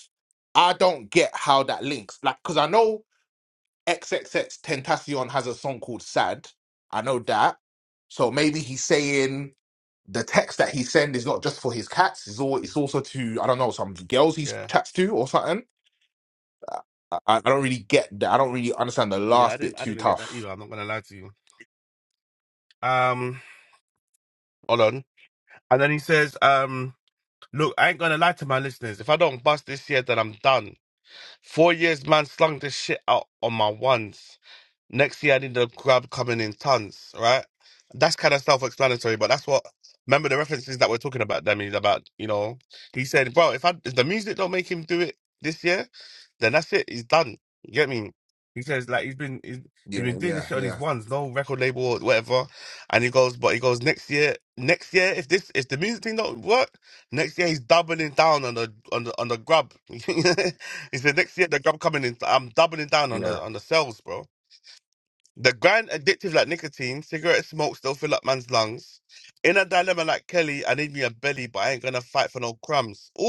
I don't get how that links. Like, because I know XXX Tentacion has a song called Sad. I know that. So maybe he's saying the text that he send is not just for his cats. It's all. It's also to I don't know some girls he Yeah, chats to or something. I, I I don't really get that. I don't really understand the yeah. I last didn't. bit I too didn't get that tough. either. I'm not gonna lie to you. Um, hold on. And then he says, um, look, I ain't gonna lie to my listeners. If I don't bust this year, then I'm done. Four years, man, slung the shit out on my ones. Next year, I need the grab coming in tons, right? That's kind of self explanatory, but that's what. Remember the references that we're talking about, Demi, about, you know, he said, bro, if, I, if the music don't make him do it this year, then that's it. He's done. You get me? He says, like, he's been he's, he's Yeah, been doing this yeah, shit on yeah, his ones, no record label or whatever. And he goes, but he goes, next year, next year, if this, if the music thing don't work, next year he's doubling down on the on the on the grub. He said next year the gum coming in. I'm doubling down on yeah. the on the sales, bro. The grand addictive like nicotine, cigarette smoke still fill up man's lungs. In a dilemma like Kelly, I need me a belly, but I ain't gonna fight for no crumbs. Ooh,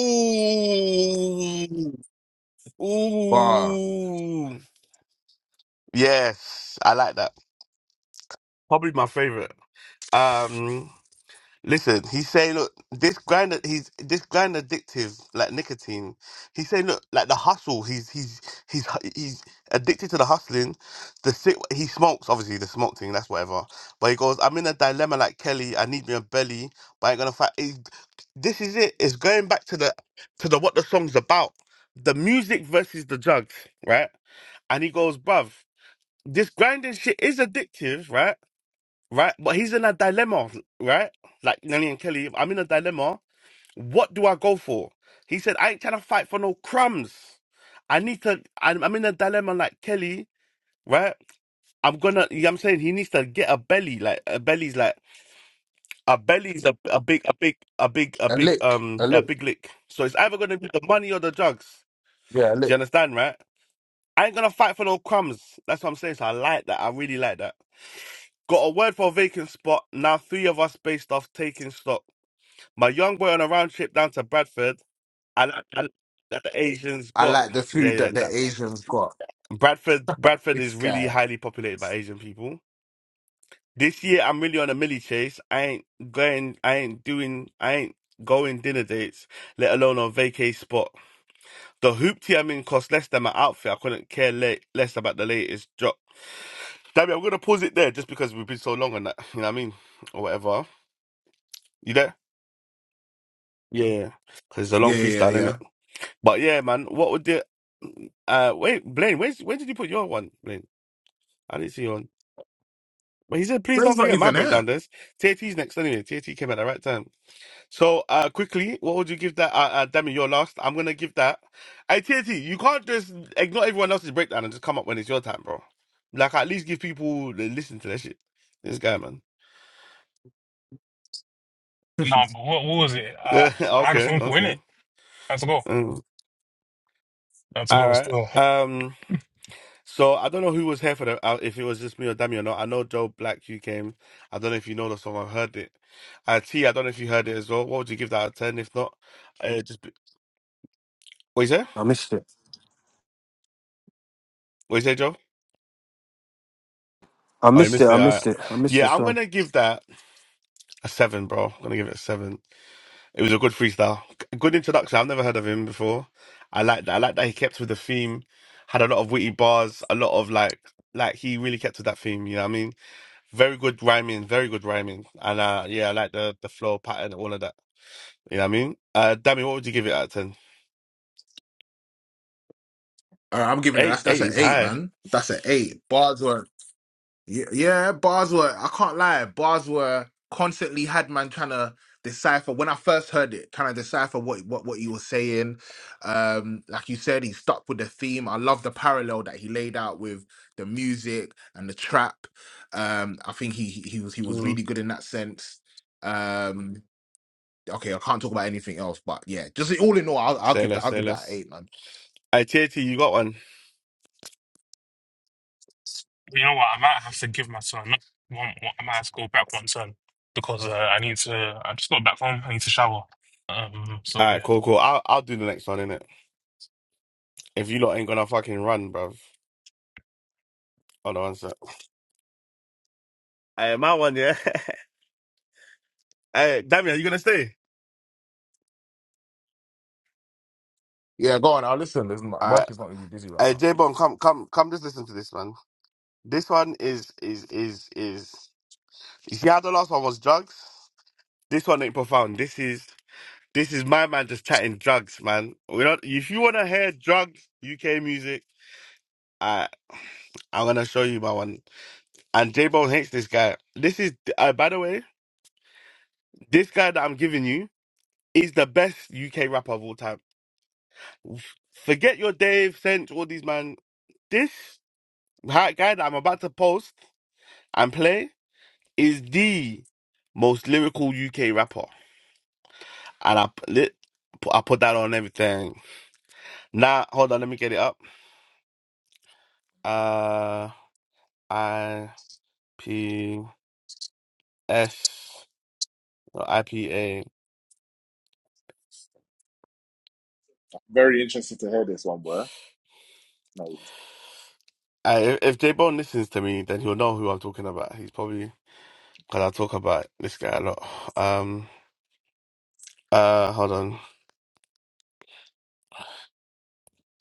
Bar ooh. Yes, I like that. Probably my favorite. Um, Listen, he's saying, look, this grind, he's this grind addictive, like nicotine. He's saying, look, like the hustle, he's he's he's he's addicted to the hustling. The sick, he smokes, obviously the smoke thing, that's whatever. But he goes, I'm in a dilemma, like Kelly. I need me a belly, but I ain't gonna fight. He's- This is it. It's going back to the to the what the song's about, the music versus the drugs, right? And he goes, bruv, this grinding shit is addictive, right? right? But he's in a dilemma, right? Like Nelly and Kelly, I'm in a dilemma. What do I go for? He said, I ain't trying to fight for no crumbs. I need to, I'm, I'm in a dilemma like Kelly, right? I'm gonna, you know what I'm saying? He needs to get a belly, like a belly's like, a belly's a, a big, a big, a big, a a big, lick, a um, a lick. big lick. So it's either gonna be the money or the drugs. Yeah, a Do lick. you understand, right? I ain't gonna fight for no crumbs. That's what I'm saying. So I like that. I really like that. Got a word for a vacant spot. Now three of us based off taking stock. my young boy on a round trip down to Bradford, and, and that the Asians I got. like the Yeah, food yeah. that That the Asians got. Bradford, Bradford This is really guy. highly populated by Asian people. This year, I'm really on a milli chase. I ain't going. I ain't doing. I ain't going dinner dates, let alone on vacay spot. The hoopty I'm in cost less than my outfit. I couldn't care le- less about the latest drop. Damn it, I'm gonna pause it there just because we've been so long on that. You know what I mean, or whatever. You there? Yeah, because it's a Yeah, long yeah, yeah. freestyle, yeah. innit? But yeah, man, what would the uh wait, Blaine, where's where did you put your one, Blaine? I didn't see your one. But he said, please That's don't not forget my even it. breakdown this. TAT's next anyway. TAT came at the right time. So uh quickly, what would you give that uh, uh Demi, your last? I'm gonna give that. Hey TAT, you can't just ignore everyone else's breakdown and just come up when it's your time, bro. Like at least give people that listen to that shit. This guy, man. No, but what, what was it? Uh, I had a okay, phone call in it. okay. That's a go. Mm. That's a All go. right. Still, Um So I don't know who was here for the uh, if it was just me or Dami or not. I know Joe Black you came. I don't know if you know the song. I heard it. Uh, T, I don't know if you heard it as well. What would you give that a ten? If not, uh, just be... what you say? I missed it. What you say, Joe? I Oh, you missed it. missed I it. All missed right. it. I missed the Yeah, I'm song. gonna give that a seven, bro. I'm gonna give it a seven. It was a good freestyle, G- good introduction. I've never heard of him before. I like that. I like that he kept with the theme. Had a lot of witty bars, a lot of like, like he really kept with that theme. You know what I mean? Very good rhyming, very good rhyming. And uh yeah, I like the the flow pattern, all of that. You know what I mean? Uh Dammy, what would you give it out of ten? Uh, I'm giving that. Eight That's, that's eight an is eight, high. man. That's an eight. Bars were, yeah, yeah, bars were. I can't lie. Bars were constantly had man trying to decipher. When I first heard it, trying to decipher what what what you were saying. Um, like you said, he stuck with the theme. I love the parallel that he laid out with the music and the trap. Um, I think he he he was he was Mm. really good in that sense. Um, okay, I can't talk about anything else, but yeah, just all in all, I'll, I'll Say give that. less, I'll say give that an less. eight, Hey TT, you got one? you know what? I might have to give my son one. one I might have to go back one turn because uh, I need to. I just got back home. I need to shower. Um. So Alright, yeah. cool, cool. I'll I'll do the next one, innit? If you lot ain't gonna fucking run, bruv. Hold on one sec. Hey, my one, yeah. hey, Dammy, are you gonna stay? Yeah, go on. I'll listen. Listen, like, work Alright. is not really busy right Hey now. J Bone, come come come just listen to this one. This one is is is is you see how the last one was drugs? This one ain't profound. This is This is my man just chatting drugs, man. We don't. If you wanna hear drugs, UK music, I I'm gonna show you my one. And J Bone hates this guy. This is uh, by the way, this guy that I'm giving you is the best UK rapper of all time. Forget your Dave, Sense, all these man. This ha- guy that I'm about to post and play is the most lyrical UK rapper, and I p- lit, I put that on everything. Now hold on, let me get it up. Uh. I P S or I P A. Bro. No, I, if if J Bone listens to me, then he'll know who I'm talking about. He's probably because I talk about this guy a lot. Um, uh, hold on,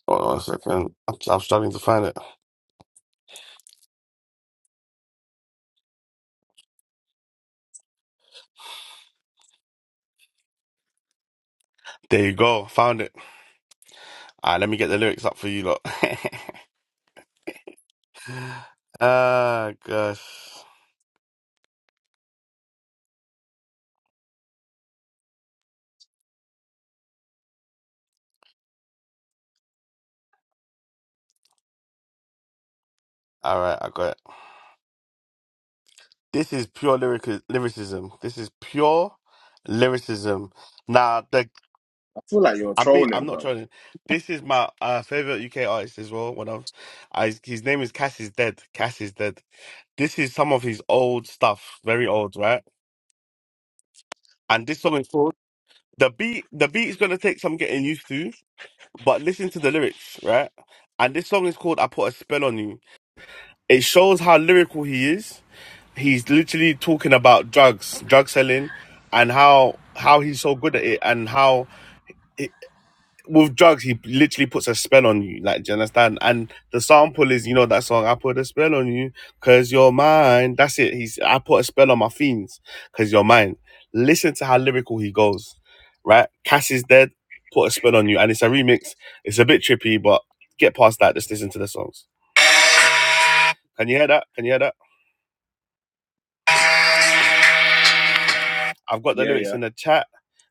hold on a second. I'm, I'm struggling to find it. There you go, found it. All right, let me get the lyrics up for you lot. Ah, gosh. All right, I got it. This is pure lyric lyricism. This is pure lyricism. Now the I feel like you're I'm be I'm trolling, not bro. trying to. This is my uh, favorite UK artist as well. One of, I, his name is Cass is dead. Cass is dead. This is some of his old stuff, very old, right? And this song is called the beat. The beat is gonna take some getting used to, but listen to the lyrics, right? And this song is called "I Put a Spell on You." It shows how lyrical he is. He's literally talking about drugs, drug selling, and how how he's so good at it, and how with drugs, he literally puts a spell on you. Like, do you understand? And the sample is, you know, that song, I put a spell on you because you're mine. That's it. He's, I put a spell on my fiends because you're mine. Listen to how lyrical he goes, right? Cass is dead, put a spell on you. And it's a remix. It's a bit trippy, but get past that. Just listen to the songs. Can you hear that? Can you hear that? I've got the Yeah, lyrics yeah. in the chat.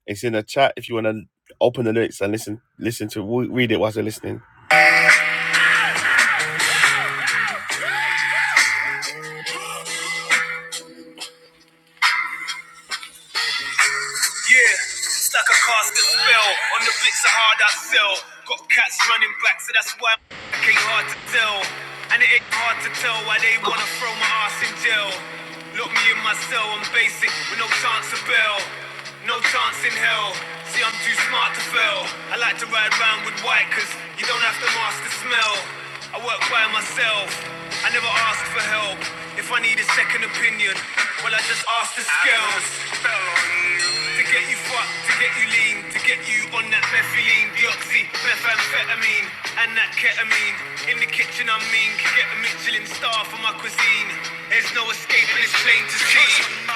It's in the chat if you want to open the lyrics and listen listen to read it whilst you're listening Yeah, it's like a caster spell on the bits are hard I sell. Got cats running back, so that's why it ain't hard to tell. And it ain't hard to tell why they wanna throw my ass in jail. Lock me in my cell, I'm basic with no chance of bail. No chance in hell. See, I'm too smart to fail. I like to ride round with white, cause you don't have to master smell. I work by myself, I never ask for help. If I need a second opinion, well, I just ask the scales. To get you fucked, to get you lean, to get you on that methylene, deoxy, methamphetamine, and that ketamine. In the kitchen, I mean, can get a Michelin star for my cuisine. There's no escape, and it's plain to see.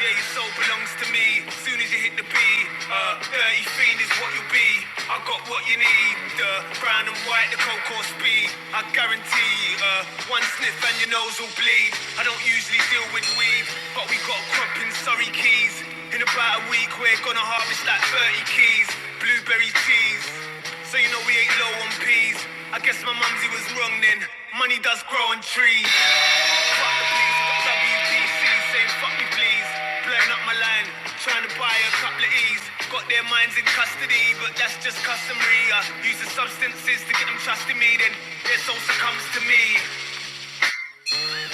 Yeah, your soul belongs to me. Soon as you hit the beat, uh, dirty fiend is what you'll be. I got what you need, the brown and white, the cold core speed. I guarantee, uh, one sniff and your nose will bleed. I don't usually deal with weed, but we got a crop in Surrey Keys. In about a week, we're gonna harvest like 30 keys, blueberry teas. So you know we ain't low on peas. I guess my mumsy was wrong then. Money does grow on trees. Fuck the police, WBC saying fuck me please. Blowing up my line, trying to buy a couple of E's. Got their minds in custody, but that's just customary. I use the substances to get them trusting me, then their soul succumbs to me.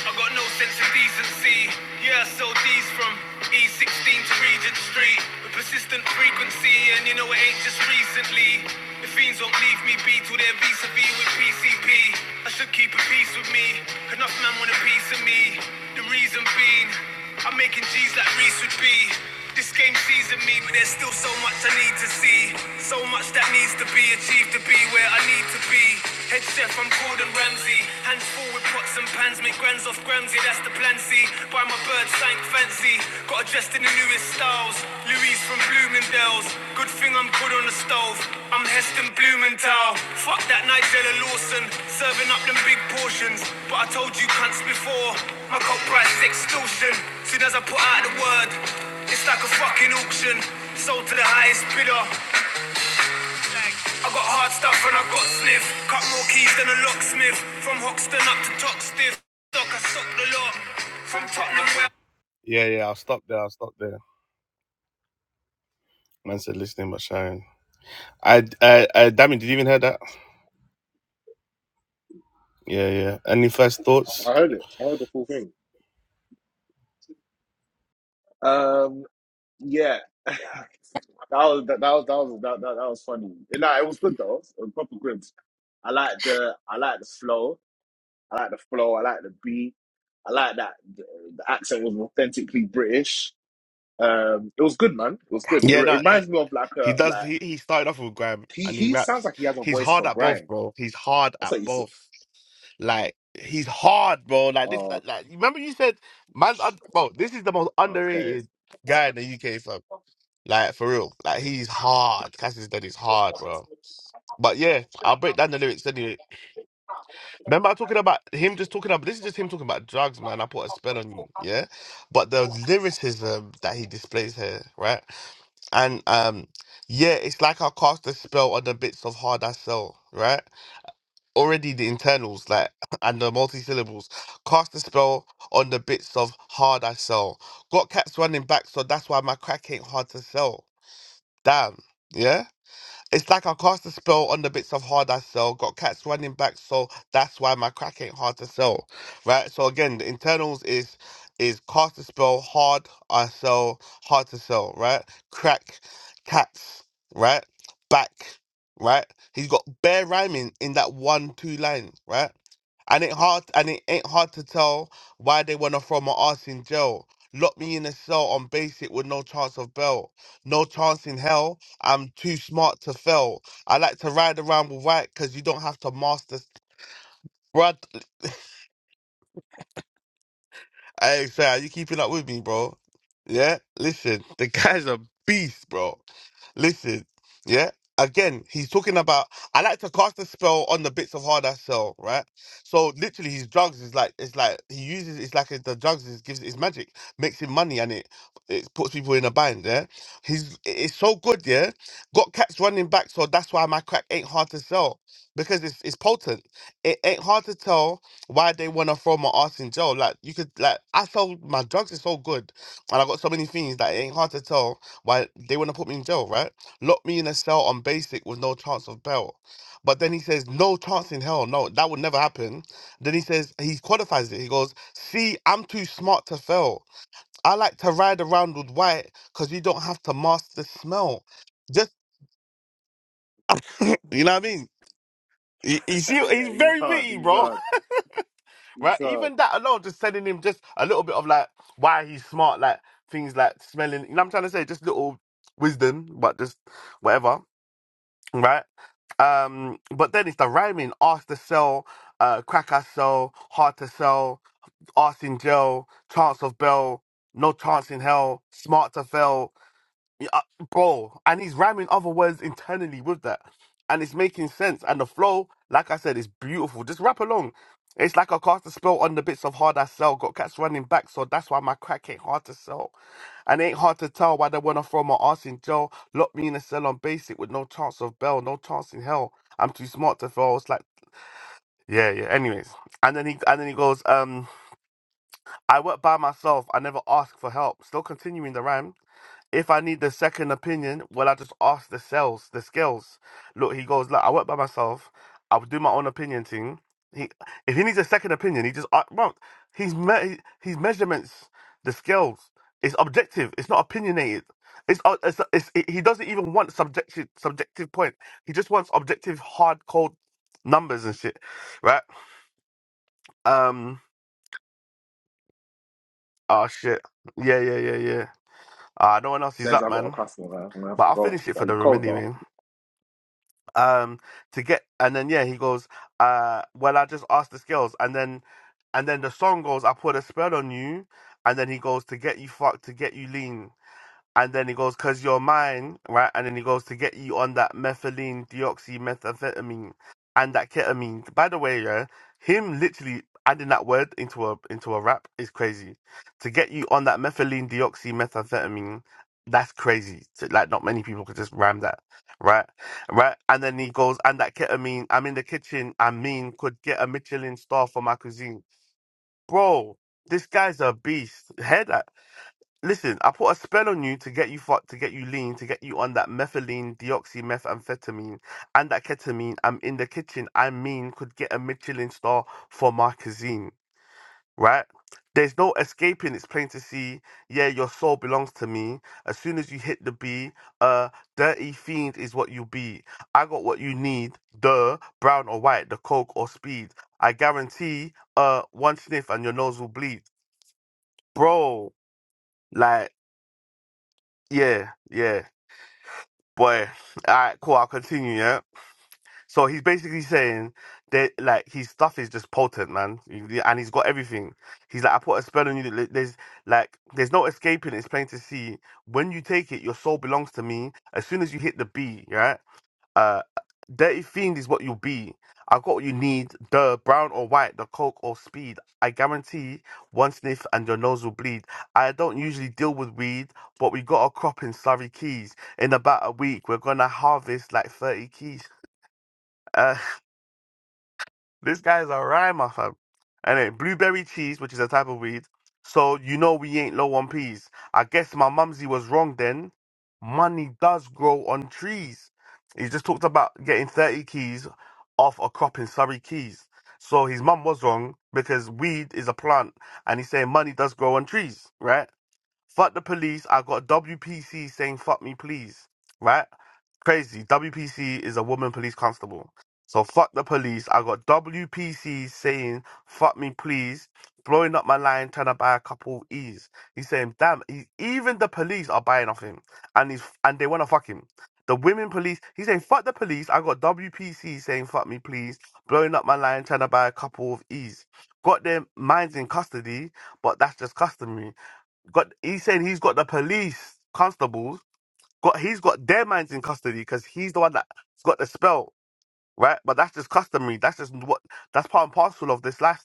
I got no sense of decency. Yeah, I sold these from E16 to Regent Street. With persistent frequency, and you know it ain't just recently. The fiends won't leave me be till they're vis-a-vis with PCP. I should keep a peace with me. Enough man want a piece of me. The reason being, I'm making G's like Reese would be. This game seasoned me, but there's still so much I need to see. So much that needs to be achieved to be where I need to be. Head chef, I'm Gordon Ramsay. Hands full with pots and pans, make grands off grams, yeah, that's the plan. See, buy my bird, sank fancy. Got her dressed in the newest styles. Louise from Bloomingdale's. Good thing I'm good on the stove. I'm Heston Blumenthal. Fuck that Nigella Lawson, serving up them big portions. But I told you cunts before, my coke price is extortion. Soon as I put out the word, it's like a fucking auction, sold to the highest bidder. I got hard stuff and I got sniff. Cut more keys than a locksmith. From Hoxton up to Toxtiff. Stock, I stock the lot. From Tottenham where yeah, yeah, I'll stop there. I'll stop there. Man said listening but sharing. I, I, I, Damien, did you even hear that? Yeah, yeah. Any first thoughts? Heard Um, yeah. that was that, that was that was that, that, that was funny. You know, it was good though. It was proper good. I like the I like the flow. I like the flow. I like the beat. I like that the, the accent was authentically British. Um, it was good, man. It was good. It, Yeah, re- it no, it, reminds me of like he a does. like He, he started off with Graham he and he he sounds raps. like he has a He's voice hard for at both, grime. bro. He's hard That's at what you said. both. Like he's hard, bro. Like this, Oh, like, like remember you said, man's un- bro. This is the most okay. underrated guy in the UK, fam. Like for real, like he's hard. Cassius Dead is hard, bro. But yeah, I'll break down the lyrics anyway. Remember I talking about him just talking about this is just him talking about drugs, man. I put a spell on you, yeah. But the lyricism that he displays here, right? And um, yeah, it's like I cast a spell on the bits of hard I sell, right? already the internals like and the multi-syllables cast a spell on the bits of hard i sell got cats running back so that's why my crack ain't hard to sell damn yeah it's like back that's why my crack ain't hard to sell again the internals is is cast spell right crack right he's got bare rhyming in that one two lines right and it hard and it ain't hard to tell when a former arse in jail Lock me in a cell on basic with no No chance in hell. I'm too smart to fail. I like to ride around with white because you don't have to master. Hey, Sal, you keeping up with me, bro? Yeah, listen, the guy's a beast, bro. Listen, yeah. Again, he's talking about. I like to cast a spell on the bits of hard I sell, right? So literally, his drugs is like it's like he uses it's like the drugs is gives it's magic, makes him money, and it it puts people in a bind. Yeah, he's it's so good. Yeah, got cats running back, so that's why my crack ain't hard to sell because it's it's potent. It ain't hard to tell why they want to throw my ass in jail. Like you could like I sold my drugs is so good, and I got so many things that it ain't hard to tell why they want to put me in jail. Right, lock me in a cell on basic with no chance of bail. But then he says no chance in hell. No, that would never happen. Then he says he qualifies it. He goes, "See, I'm too smart to fail. I like to ride around with white because you don't have to mask the smell. Just you know what I mean." You, you see, yeah, he's he's very hard. witty, He's bro. hard. Right? These uh, Even that alone, just sending him just a little bit of like why he's smart, like things like smelling. You know what I'm trying to say? Just little wisdom, but just whatever. Right? Um, but then it's the rhyming, ask the cell, uh, I'm too smart to fail. It's like yeah, yeah. Anyways. And then he and then he goes, um, I work by myself, I never ask for help. Still continuing the rhyme. If I need the second opinion, well, I just ask the cells, the scales. Look, he goes, look, I work by myself. I would do my own opinion thing. He, if he needs a second opinion, he just, uh, bro, he's me- his measurements, the scales. It's objective. It's not opinionated. It's, uh, it's, it's it, he doesn't even want. Des, I got a customer. man. I'm gonna have to go. But you cold though. And your and by the way, uh, one sniff and your nose will bleed, bro. Like, yeah, yeah, boy. All right, cool. I'll continue. Yeah. So he's basically saying that. his stuff is just potent, man, He- and he's got everything. He's like, I put a spell on you. that There's like, there's gaping. It's plain to see. When you take it, your soul. Uh, dirty fiend is what you'll be, He's- and and he's, and they wanna fuck him. The women police. He's saying fuck the police. I got WPC saying fuck me please, blowing up my line, trying to buy a couple of E's. Got their minds in custody, but that's just customary. Got he's saying he's got the police constables. Got he's got their minds in custody because he's the one that's got the spell right? But that's just customary. That's just what. That's part and parcel of. life.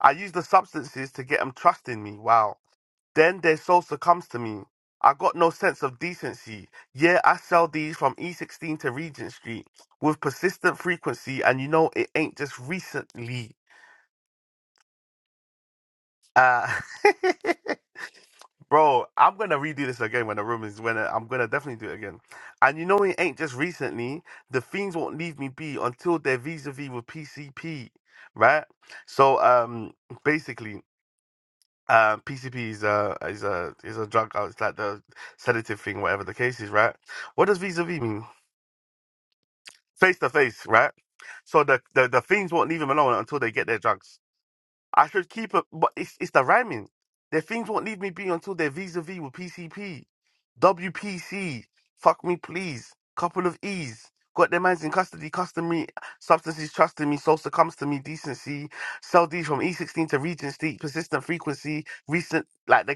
I use the substances to get them trusting me. Wow. Then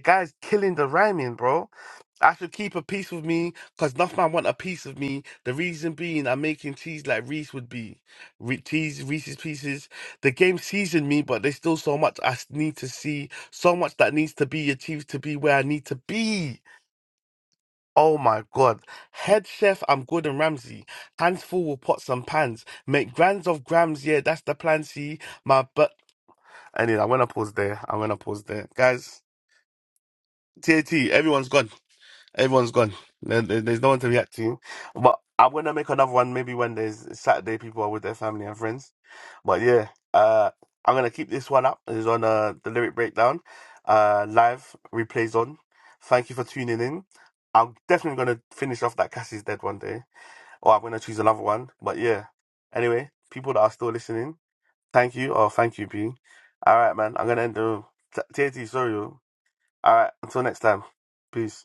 guys see be some pans, make grands of grams. Yeah, that's the plan. See my butt. Anyway, I'm gonna pause there. I'm gonna pause there, guys. TAT, everyone's gone. Everyone's gone. There- there- There's no one to react to. But I'm gonna make another one maybe when there's Saturday. People are with their family and friends. But yeah, uh, I'm gonna keep this one up. It's on uh, the lyric breakdown, uh, live replays on. Thank you for tuning in. I'm definitely gonna finish off that Cassie's dead one day, or I'm gonna choose another one. But yeah, anyway, people that are still listening, thank you or thank you, P. All right, man. I'm gonna end the TAT. Sorry. All right. Until next time. Peace.